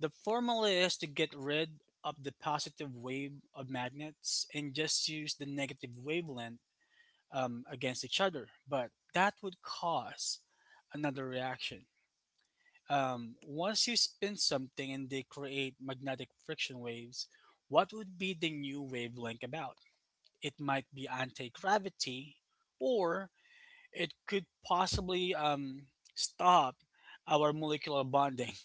S2: The formula is to get rid of the positive wave of magnets and just use the negative wavelength against each other. But that would cause another reaction. Once you spin something and they create magnetic friction waves, what would be the new wavelength about? It might be anti gravity, or it could possibly stop our molecular bonding. [LAUGHS]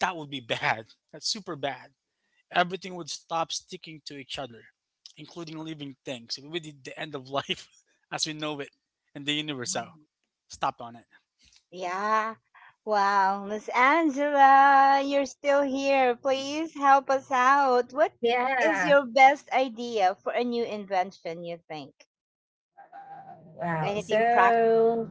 S2: That would be bad. That's super bad. Everything would stop sticking to each other, including living things. It would be the end of life [LAUGHS] as we know it, and the universe out.
S1: Mm.
S2: Stop on it.
S1: Yeah, wow, Miss Angela, you're still here. Please help us out. What is
S3: Yeah.
S1: your best idea for a new invention you think?
S3: Wow.
S1: Anything practical?
S3: So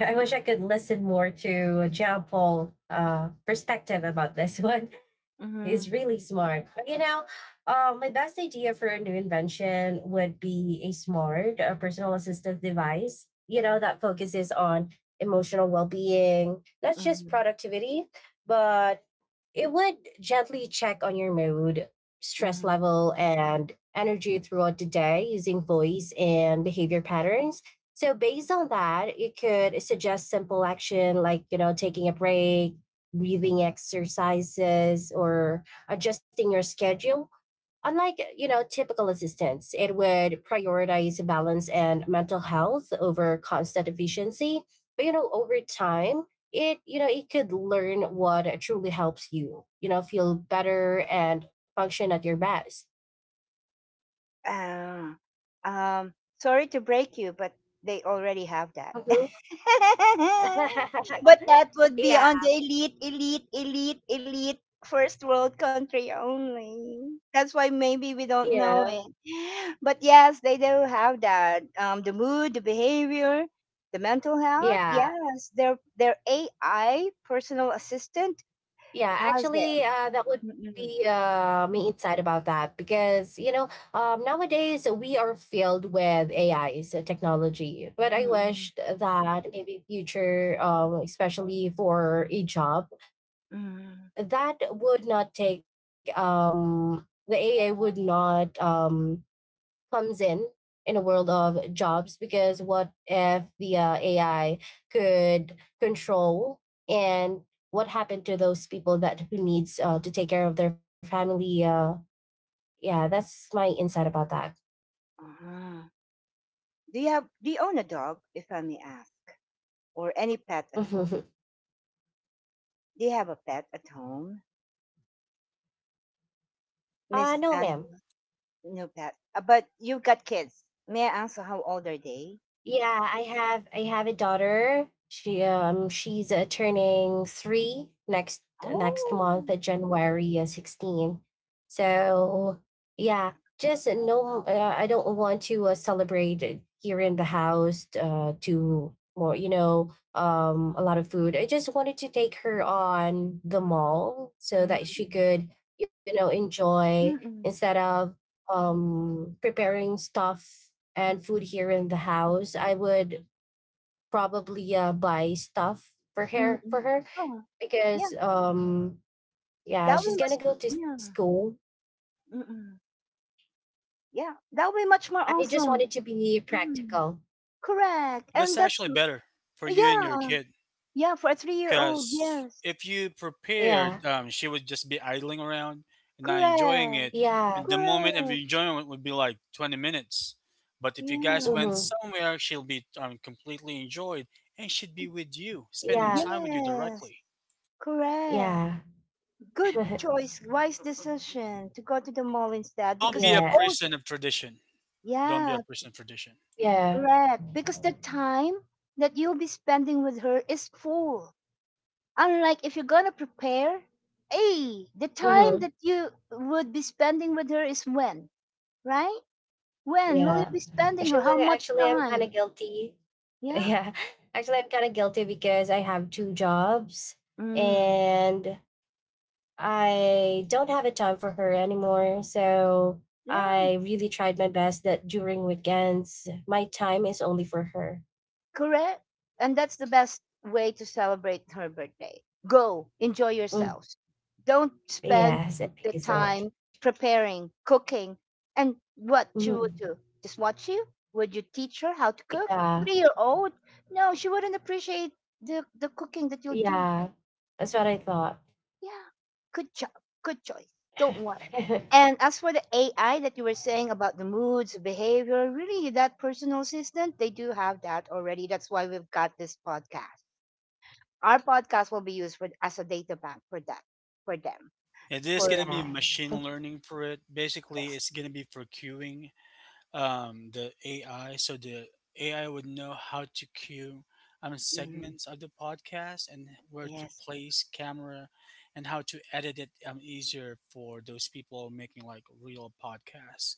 S3: I wish I could listen more to John Paul perspective about this one. [LAUGHS]
S1: Mm-hmm,
S3: He's really smart. But, you know, my best idea for a new invention would be a smart personal assistive device, you know, that focuses on emotional well being, not just
S1: mm-hmm,
S3: productivity, but it would gently check on your mood, stress
S1: mm-hmm.
S3: level, and energy throughout the day using voice and behavior patterns. So, based on that, it could suggest simple action like, you know, taking a break, breathing exercises, or adjusting your schedule. Unlike, you know, typical assistance, it would prioritize balance and mental health over constant efficiency. But you know, over time, it you know, it could learn what truly helps you, you know, feel better and function at your best.
S1: Ah, um Sorry to break you, but they already have that.
S3: Mhm.
S1: [LAUGHS] [LAUGHS] But that
S3: [LAUGHS]
S1: would be on the
S3: Yeah.
S1: elite, elite, elite, elite first world country only. That's why maybe we don't know
S3: Yeah.
S1: it. [GASPS] But yes, they do have that. The mood, the behavior, the mental health.
S3: Yeah.
S1: Yes, their AI personal assistant
S3: Yeah,
S1: has it.
S3: actually, that would
S1: Mm-mm,
S3: be me inside about that because you know nowadays we are filled with AI, so technology. But I
S1: mm-mm,
S3: wished that maybe future, especially for a job,
S1: mm-mm.
S3: that would not take the AI would not comes in a world of jobs because what if the AI could control and what happened to those people that who needs to take care of their family? Yeah, that's my insight about that.
S1: Ah. Do you have? Do you own a dog, if I may ask, or any pet
S3: [LAUGHS]
S1: at
S3: uh,
S1: home? Do you have a pet at home? Miss.
S3: no, ma'am.
S1: No pet. But you've got kids. May I ask how old are they?
S3: Yeah, I have a daughter. She's turning 3 next next month,
S1: Oh.
S3: January 16. So, yeah, just no I don't want to celebrate it here in the house to more, you know, a lot of food. I just wanted to take her on the mall so that she
S1: Mm-mm.
S3: could, you know, enjoy instead
S1: Mm-mm.
S3: of preparing stuff and
S1: Mm.
S3: food here in the house, I would probably buy stuff for
S1: Mm, mm, mm,
S3: her
S1: mm,
S3: for
S1: mm.
S3: her
S1: Oh. Yeah.
S3: because yeah,
S1: That way
S3: she's gonna
S1: must.
S3: go to
S1: Yeah.
S3: school.
S1: Mm-mm. Yeah. That way much more
S3: I just
S1: awesome.
S3: wanted to be
S1: Mm.
S3: practical.
S1: Correct.
S2: That's
S1: And that's.
S2: actually better for you and your
S1: Yeah.
S2: kid,
S1: Yeah, for a 3-year old,
S2: because
S1: yes.
S2: if you prepared,
S3: Yeah,
S2: she would just be idling around and not enjoying
S1: Correct.
S2: it. And
S3: yeah,
S2: the moment of
S1: Correct.
S2: enjoyment would be like 20 minutes. But if you guys
S1: Yeah.
S2: went
S3: mm-hmm.
S2: somewhere, she'll be completely enjoyed, and she'd be with you, spending
S3: Yeah,
S2: time with you
S1: Yes.
S2: directly.
S1: Correct.
S3: yeah,
S1: Good
S3: [LAUGHS]
S1: choice. Wise decision to go to the mall instead,
S2: Don't
S1: because.
S2: be
S3: yeah,
S2: a
S1: Oh
S2: person of tradition. Don't be
S1: yeah.
S2: a person of tradition.
S3: yeah,
S1: Correct. Because the time that you'll be spending with her is full. Unlike if you're gonna prepare, hey, the time
S3: mm-hmm.
S1: that you would be spending with her is when, right? When will you
S3: Yeah.
S1: be spending her?
S3: Actually,
S1: How much
S3: I'm kind of
S1: time?
S3: guilty. [LAUGHS]
S1: Yeah.
S3: Yeah, actually, I'm kind of guilty because I have two jobs
S1: Mm.
S3: and I don't have a time for her anymore. So
S1: Yeah.
S3: I really tried my best that during weekends, my time is only for her.
S1: Correct. And that's the best way to celebrate her birthday. Go, enjoy
S3: Mm.
S1: yourselves. Don't spend
S3: Yes, and
S1: the
S3: thank you so
S1: time
S3: much.
S1: preparing, cooking, and what she would
S3: Mhm.
S1: do. Just watch you? Would you teach her how to cook?
S3: Yeah,
S1: 3-year old? No, she wouldn't appreciate the cooking that you'll do.
S3: yeah, that's what I thought.
S1: Yeah, good job. Good choice. Don't worry.
S3: [LAUGHS]
S1: And as for the AI that you were saying about the moods, behavior, really that personal assistant, they do have that already. That's why we've got this podcast. Our podcast will be used for, as a data bank for that, for them,
S2: It is going
S1: for
S2: to be
S3: Yeah,
S2: machine learning for it. Basically,
S1: yes.
S2: it's going to be for queuing the AI. So the AI would know how to cue
S1: Mhm.
S2: segments of the podcast and where to
S1: Yes,
S2: place camera and how to edit it easier for those people making like real podcasts.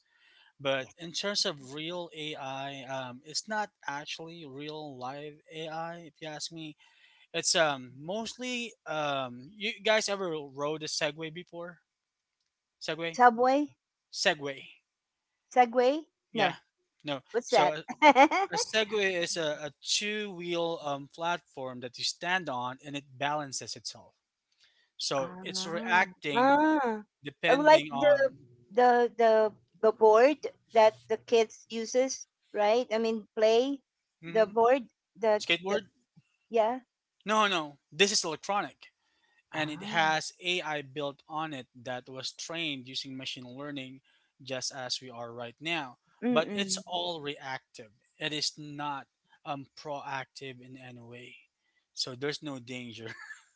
S2: But
S1: yes.
S2: in terms of real AI, it's not actually real live AI. If you ask me, it's mostly You guys ever rode a Segway before? Segway,
S1: Subway,
S2: Segway,
S1: Segway.
S2: yeah.
S1: No,
S2: No,
S1: what's
S2: so
S1: that?
S2: a
S1: [LAUGHS]
S2: Segway is a two wheel platform that you stand on and it balances itself. So
S1: Ah,
S2: it's reacting
S1: ah. Like
S2: depending on.
S1: the the the board that the kids uses, right? I mean, play the
S2: Mhm.
S1: board, the the
S2: Skateboard.
S1: yeah.
S2: No, no, this is electronic and it
S1: Ah.
S2: has AI built on it that was trained using machine learning just as we are right now. But it's
S1: Mm-mm.
S2: all reactive, it is not proactive in any way. So there's no danger [LAUGHS]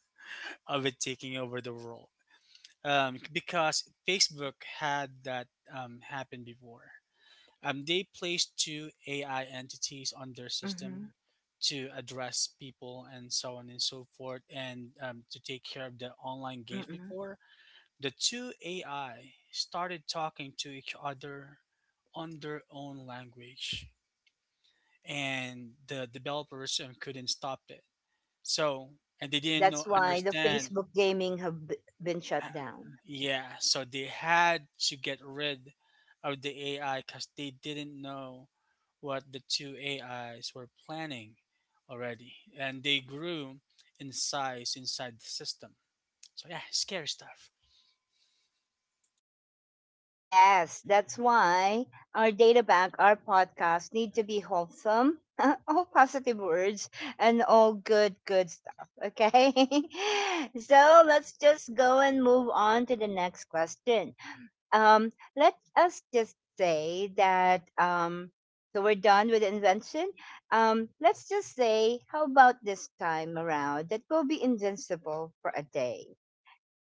S2: of it taking over the world, because Facebook had that happen before. They placed two AI entities on their
S1: Mm-hmm.
S2: system to address people and so on and so forth, and to take care of the online games
S1: Mm-mm.
S2: before. The two AI started talking to each other on their own language, and the developers couldn't stop it. So, and they didn't know,
S1: That's why the
S2: understand.
S1: Facebook gaming have been shut down.
S2: Yeah, so they had to get rid of the AI because they didn't know what the two AIs were planning already, and they grew in size inside the system. So yeah, scary stuff.
S1: Yes, that's why our data bank, our podcast need to be wholesome, [LAUGHS] all positive words, and all good, good stuff. Okay. [LAUGHS] So let's just go and move on to the next question. Let us just say that, so we're done with the invention. Let's just say, how about this time around that we'll be invincible for a day?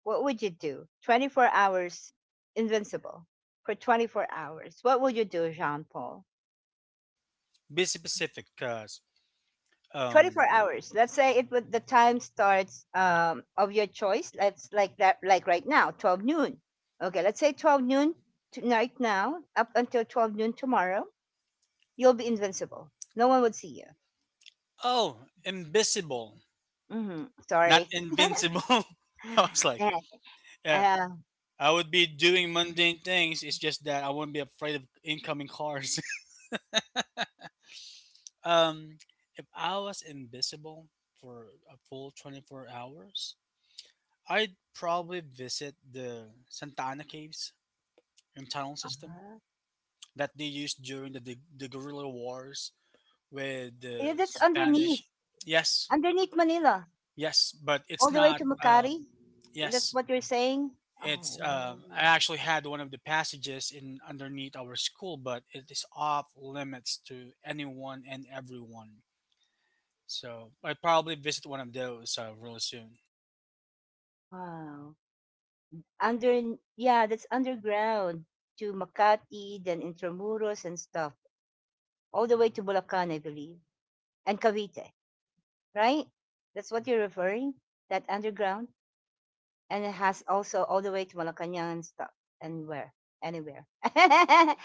S1: What would you do? 24 hours invincible for 24 hours. What would you do, Jean Paul?
S2: Be specific, cause
S1: 24
S2: um,
S1: hours. Let's say it would, the time starts, of your choice. Let's like that, like right now, 12 noon. Okay, let's say 12 noon tonight now, up until 12 noon tomorrow, you'll be invincible. No one would see you.
S2: oh, invisible,
S1: Hmm.
S2: not
S1: Sorry.
S2: invincible. [LAUGHS] I
S1: [SIGHS]
S2: was like,
S1: Yeah,
S2: yeah,
S1: uh,
S2: I would be doing mundane things. It's just that I wouldn't be afraid of incoming cars. Um, if I was invisible for a full 24 hours, I'd probably visit the Santa Ana Caves and tunnel system
S1: uh-huh.
S2: that they used during the guerrilla wars with
S1: Yeah,
S2: the
S1: that's
S2: Spanish.
S1: underneath,
S2: Yes,
S1: underneath Manila.
S2: yes, but
S1: All
S2: it's
S1: the way
S2: not.
S1: to Macari? That's
S2: Yes,
S1: what you're saying?
S2: it's.
S1: Oh,
S2: I actually had one of the passages in underneath our school, but it is off limits to anyone and everyone. So I'd probably visit one of those real soon.
S1: wow. Under, yeah, that's underground to Makati, then Intramuros and stuff. All the way to Bulacan, I believe, and Cavite, right? That's what you're referring? That underground? And it has also all the way to Malacanang and stuff and where anywhere. [LAUGHS]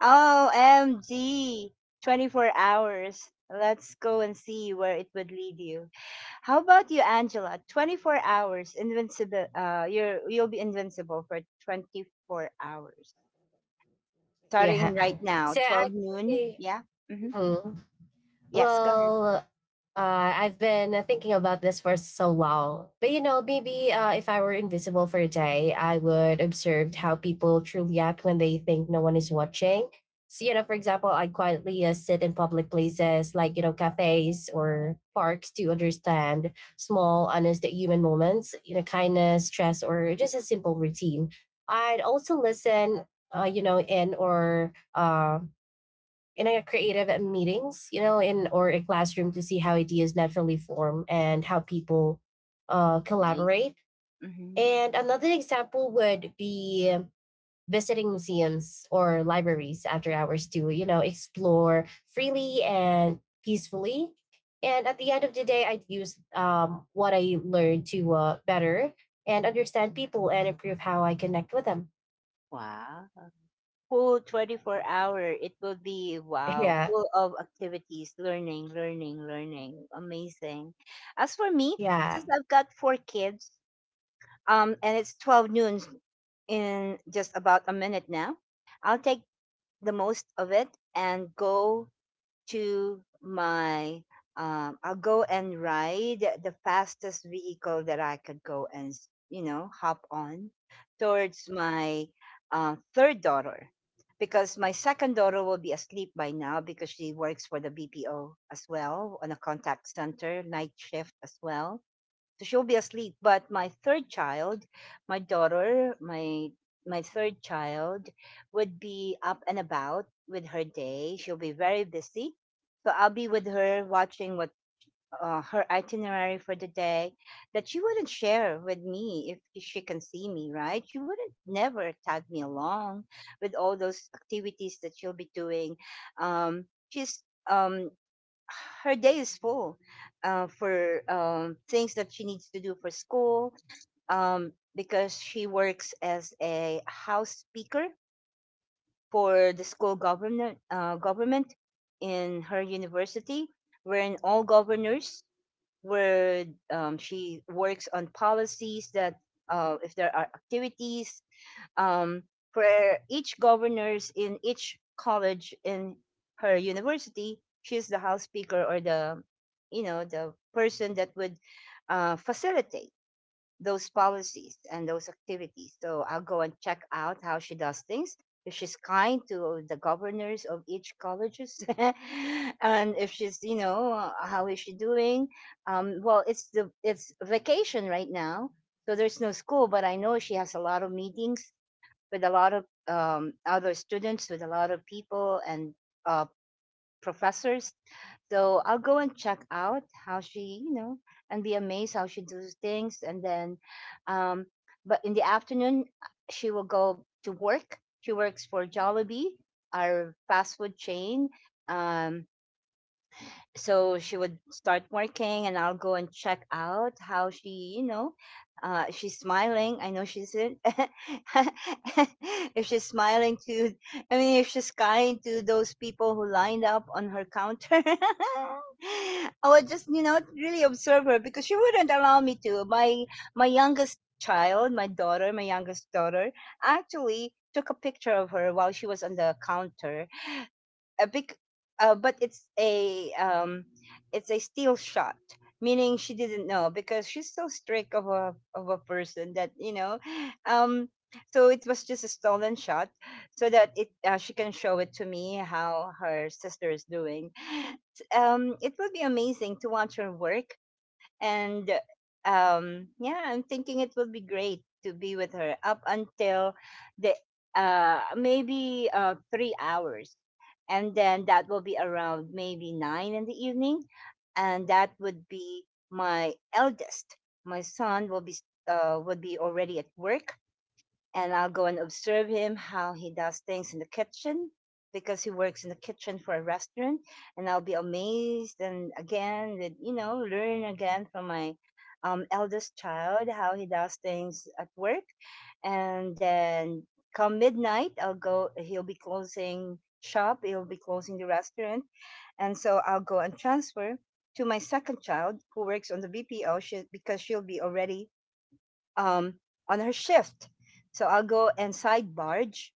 S1: OMG, 24 hours. Let's go and see where it would lead you. How about you, Angela? 24 hours invincible. You'll be invincible for 24 hours,
S3: yeah.
S1: starting right now,
S3: So
S1: 12 noon.
S3: actually,
S1: Yeah. Mm-hmm.
S3: mhm.
S1: Yes. Go ahead.
S3: well, Uh, I've been thinking about this for so long. But you know, maybe if I were invisible for a day, I would observe how people truly act when they think no one is watching. So, you know, for example, I quietly sit in public places like, you know, cafes or parks to understand small, honest human moments, you know, kindness, stress, or just a simple routine. I'd also listen, you know, in a creative at meetings, you know, in or a classroom to see how ideas naturally form and how people
S1: Nice.
S3: collaborate.
S1: Mm-hmm.
S3: And another example would be visiting museums or libraries after hours to, you know, explore freely and peacefully. And at the end of the day, I'd use what I learned to better and understand people and improve how I connect with them. [LAUGHS]
S1: Wow. Full 24 hour, it will be, wow,
S3: Yeah,
S1: full of activities, learning, learning, learning, amazing. As for me,
S3: yeah.
S1: since I've got four kids, and it's 12 noon in just about a minute now, I'll take the most of it and go to my, I'll go and ride the fastest vehicle that I could go and, you know, hop on towards my, third daughter, because my second daughter will be asleep by now because she works for the BPO as well on a contact center night shift as well, so she'll be asleep. But my third child, my daughter, my third child would be up and about with her day. She'll be very busy. So I'll be with her watching what, her itinerary for the day that she wouldn't share with me if she can see me, right? She wouldn't never tag me along with all those activities that she'll be doing. Um, she's, um her day is full, for, things that she needs to do for school, because she works as a house speaker for the school governor, government in her university, wherein all governors where, she works on policies that, if there are activities, um, where each governors in each college in her university, she's the house speaker or the, you know, the person that would, facilitate those policies and those activities. So I'll go and check out how she does things. If she's kind to the governors of each colleges, [LAUGHS] and if she's, you know, how is she doing? Well, it's vacation right now, so there's no school. But I know she has a lot of meetings with a lot of, other students, with a lot of people and, uh, professors. So I'll go and check out how she, you know, and be amazed how she does things. And then, um, but in the afternoon, she will go to work. She works for Jollibee, our fast food chain. Um, so she would start working and I'll go and check out how she. If she's smiling, I know she's in [LAUGHS] if she's smiling to I mean if she's kind to those people who lined up on her counter. [LAUGHS] I would just really observe her because she wouldn't allow me to. My youngest child, my daughter, my youngest daughter, actually took a picture of her while she was on the counter. A big but it's a steel shot, meaning she didn't know because she's so strict of a person that um so it was just a stolen shot so that it she can show it to me how her sister is doing. It will be amazing to watch her work. And yeah, I'm thinking it will be great to be with her up until the maybe 3 hours, and then that will be around maybe 9 in the evening. And that would be my eldest my son will be would be already at work, and I'll go and observe him how he does things in the kitchen, because he works in the kitchen for a restaurant. And I'll be amazed, and again, that learn again from my eldest child how he does things at work. And then come midnight, I'll go he'll be closing shop, he'll be closing the restaurant. And so I'll go and transfer to my second child who works on the BPO, because she'll be already um, on her shift. So I'll go and side barge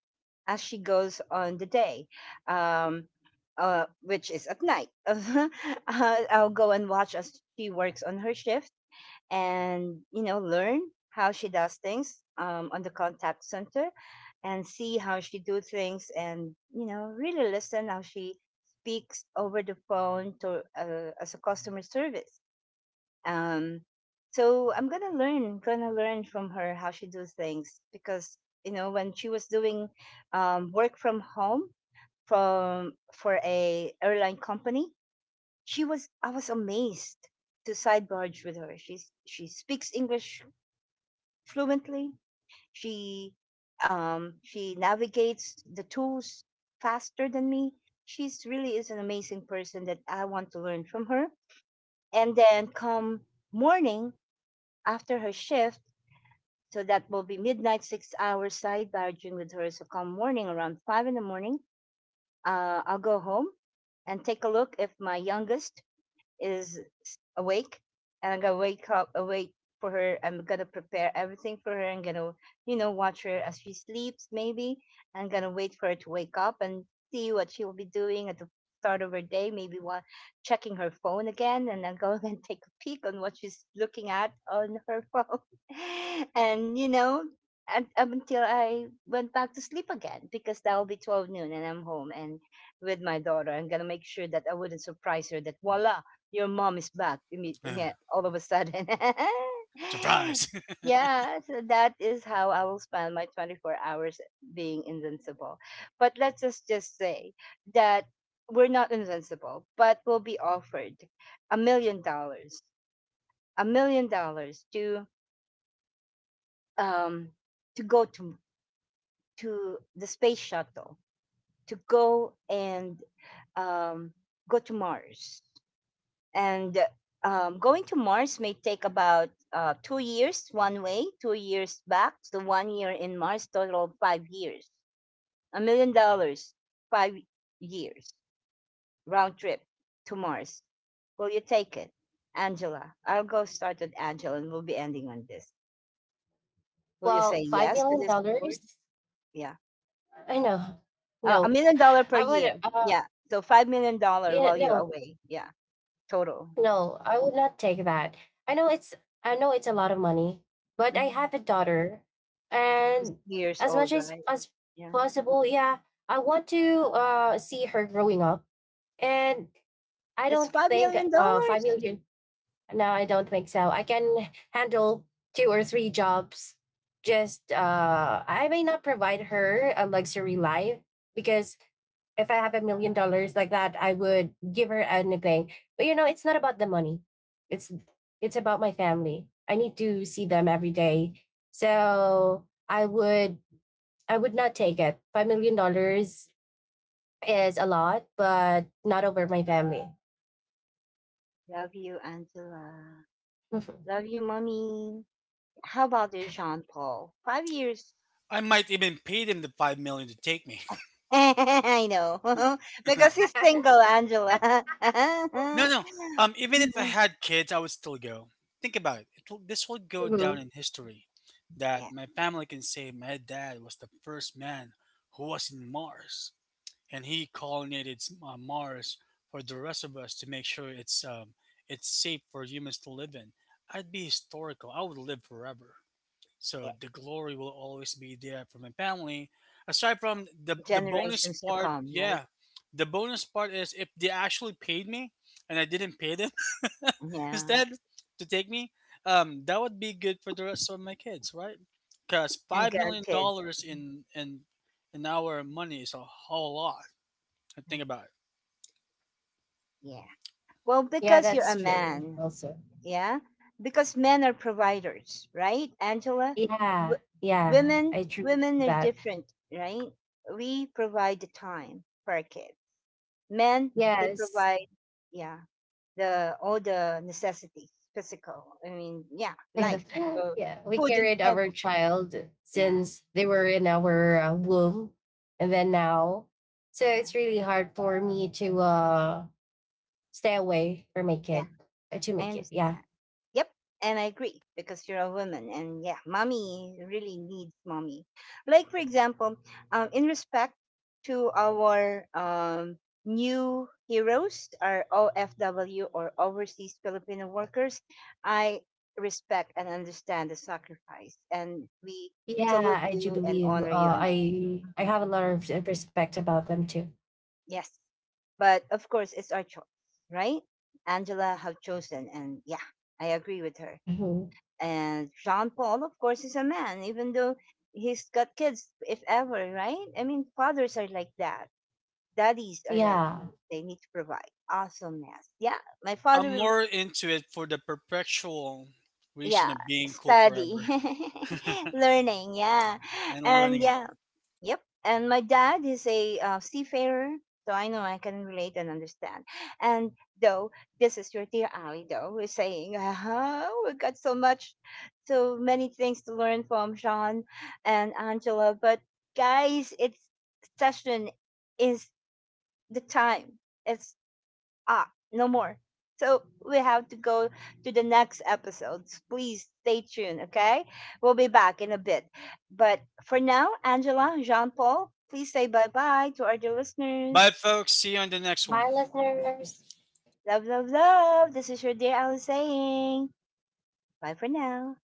S1: as she goes on the day, um, which is at night. [LAUGHS] I'll go and watch as she works on her shift and, you know, learn how she does things on the contact center, and see how she do things and, you know, really listen how she speaks over the phone to as a customer service. um, so I'm gonna learn from her how she does things, because you know, when she was doing work from home from for a airline company, she was I was amazed to sidebarge with her. She speaks English fluently. She she navigates the tools faster than me. She's really is an amazing person that I want to learn from her. And then come morning, after her shift. So that will be midnight, 6 hours sidebarging with her. So come morning around 5 in the morning, I'll go home and take a look if my youngest is awake, and I'm gonna wake up awake for her. I'm gonna prepare everything for her. I'm gonna, you know, watch her as she sleeps maybe. I'm gonna wait for her to wake up and see what she will be doing at the start of her day, maybe while checking her phone again, and then go [LAUGHS] and take a peek on what she's looking at on her phone. [LAUGHS] And up until I went back to sleep again, because that'll be 12 noon and I'm home and with my daughter. I'm gonna make sure that I wouldn't surprise her that voila, your mom is
S2: Uh,
S1: yeah, [LAUGHS] all of a sudden. [LAUGHS]
S2: Surprise! [LAUGHS]
S1: Yeah, so that is how I will spend my 24 hours being invincible. But let's just say that we're not invincible, but we'll be offered $1 million, $1 million um to go to the space shuttle, to go and um go to Mars. And going to Mars may take about 2 years one way, 2 years back, so 1 year in Mars, total of 5 years. $1 million, 5 years, round trip to Mars. Will you take it? Angela, I'll go start with Angela and we'll be ending on this. Will you say
S3: Well,
S1: yes to
S3: $5
S1: this
S3: million?
S1: word?
S3: Dollars,
S1: Yeah.
S3: I know. No,
S1: A million
S3: I
S1: dollar per
S3: would.
S1: year. Yeah. So five million
S3: Yeah,
S1: dollar while you're
S3: no,
S1: away. Yeah. Total.
S3: no, I would not take that. I know it's. I know it's a lot of money, but I
S1: Mhm.
S3: have a daughter, and
S1: Years
S3: as much
S1: old, right?
S3: as
S1: Yeah.
S3: possible, yeah, I want to see her growing up, and I
S1: That's
S3: don't
S1: five
S3: think
S1: million
S3: five
S1: dollars.
S3: million. No, I don't think so. I can handle two or three jobs. Just I may not provide her a luxury life because if I have a million dollars like that, I would give her anything. But you know, it's not about the money. It's it's about my family. I need to see them every day. So I would not take it. 5 million dollars is a lot, but not over my family.
S1: Love you, Angela.
S3: [LAUGHS]
S1: Love you, mommy. How about you, Jean Paul? 5 years.
S2: I might even pay them the 5 million to take me.
S1: [LAUGHS] I know. [LAUGHS]
S2: [LAUGHS] No,
S1: Because he's single, Angela.
S2: no. Even if I
S1: [LAUGHS]
S2: had kids, I would still go. Think about it. It'll, this will go down
S3: Mhm.
S2: in history that
S1: Yeah,
S2: my family can say my dad was the first man who was in Mars, and he colonized Mars for the rest of us to make sure it's safe for humans to live in. I'd be historical. I would live forever.
S1: yeah.
S2: So the glory will always be there for my family. Aside from the bonus
S1: Generations to
S2: part,
S1: come, right?
S2: yeah, the bonus part is if they actually paid me and I didn't pay them [LAUGHS]
S1: Yeah.
S2: instead to take me, that would be good for the rest of my kids, right? Because
S1: And
S2: five million
S1: grandkids.
S2: dollars in in our money is a whole lot. I think about it.
S1: Yeah. Well,
S3: Yeah,
S1: because you're
S3: that's
S1: a
S3: true.
S1: man.
S3: Also,
S1: Yeah. Because men are providers, right, Angela?
S3: yeah,
S1: W-
S3: yeah,
S1: Women,
S3: I truly believe
S1: women are
S3: that.
S1: different, right? We provide the time for our kids. Men, they
S3: Yes.
S1: provide, yeah, the all the necessities, physical. I mean, yeah,
S3: [LAUGHS]
S1: life.
S3: Yeah.
S1: So
S3: Yeah, we
S1: food and
S3: carried
S1: table.
S3: our child
S1: Yeah,
S3: since they were in our womb, and then now, so
S1: yeah,
S3: it's really hard for me to stay away from my
S1: yeah.
S3: kid to
S1: I
S3: make it. Yeah,
S1: understand. Yep, and I agree, because you're a woman, and yeah, mommy really needs mommy. Like for example, in respect to our new heroes, our OFW or overseas Filipino workers, I respect and understand the sacrifice, and we
S3: yeah,
S1: salute
S3: I do
S1: you and
S3: believe.
S1: honor you and do
S3: I
S1: it.
S3: have a lot of respect about them too.
S1: Yes. But of course, it's our choice, right? Angela have chosen, and yeah, I agree with her.
S3: Mhm.
S1: And Jean Paul, of course, is a man, even though he's got kids, if ever, right? I mean, fathers are like that. Daddies are like
S3: Yeah,
S1: that. They need to provide awesomeness. Yeah, my
S2: I'm
S1: father will,
S2: more into it for the perpetual reason
S1: yeah,
S2: of being cool
S1: study,
S2: forever
S1: [LAUGHS] learning, yeah,
S2: and
S1: and
S2: learning it.
S1: yeah. Yep. And my dad is a seafarer, so I know I can relate and understand. And though, this is your dear Ali, though, who is saying, uh-huh, we got so much, so many things to learn from Sean and Angela. But guys, it's session is the time. It's no more. So we have to go to the next episodes. Please stay tuned, okay? We'll be back in a bit. But for now, Angela, Jean Paul, please say bye bye to our dear
S2: Bye,
S1: listeners.
S2: folks. See you on the next one.
S3: my listeners,
S1: Love, love, love. This is your dear Alice saying bye for now.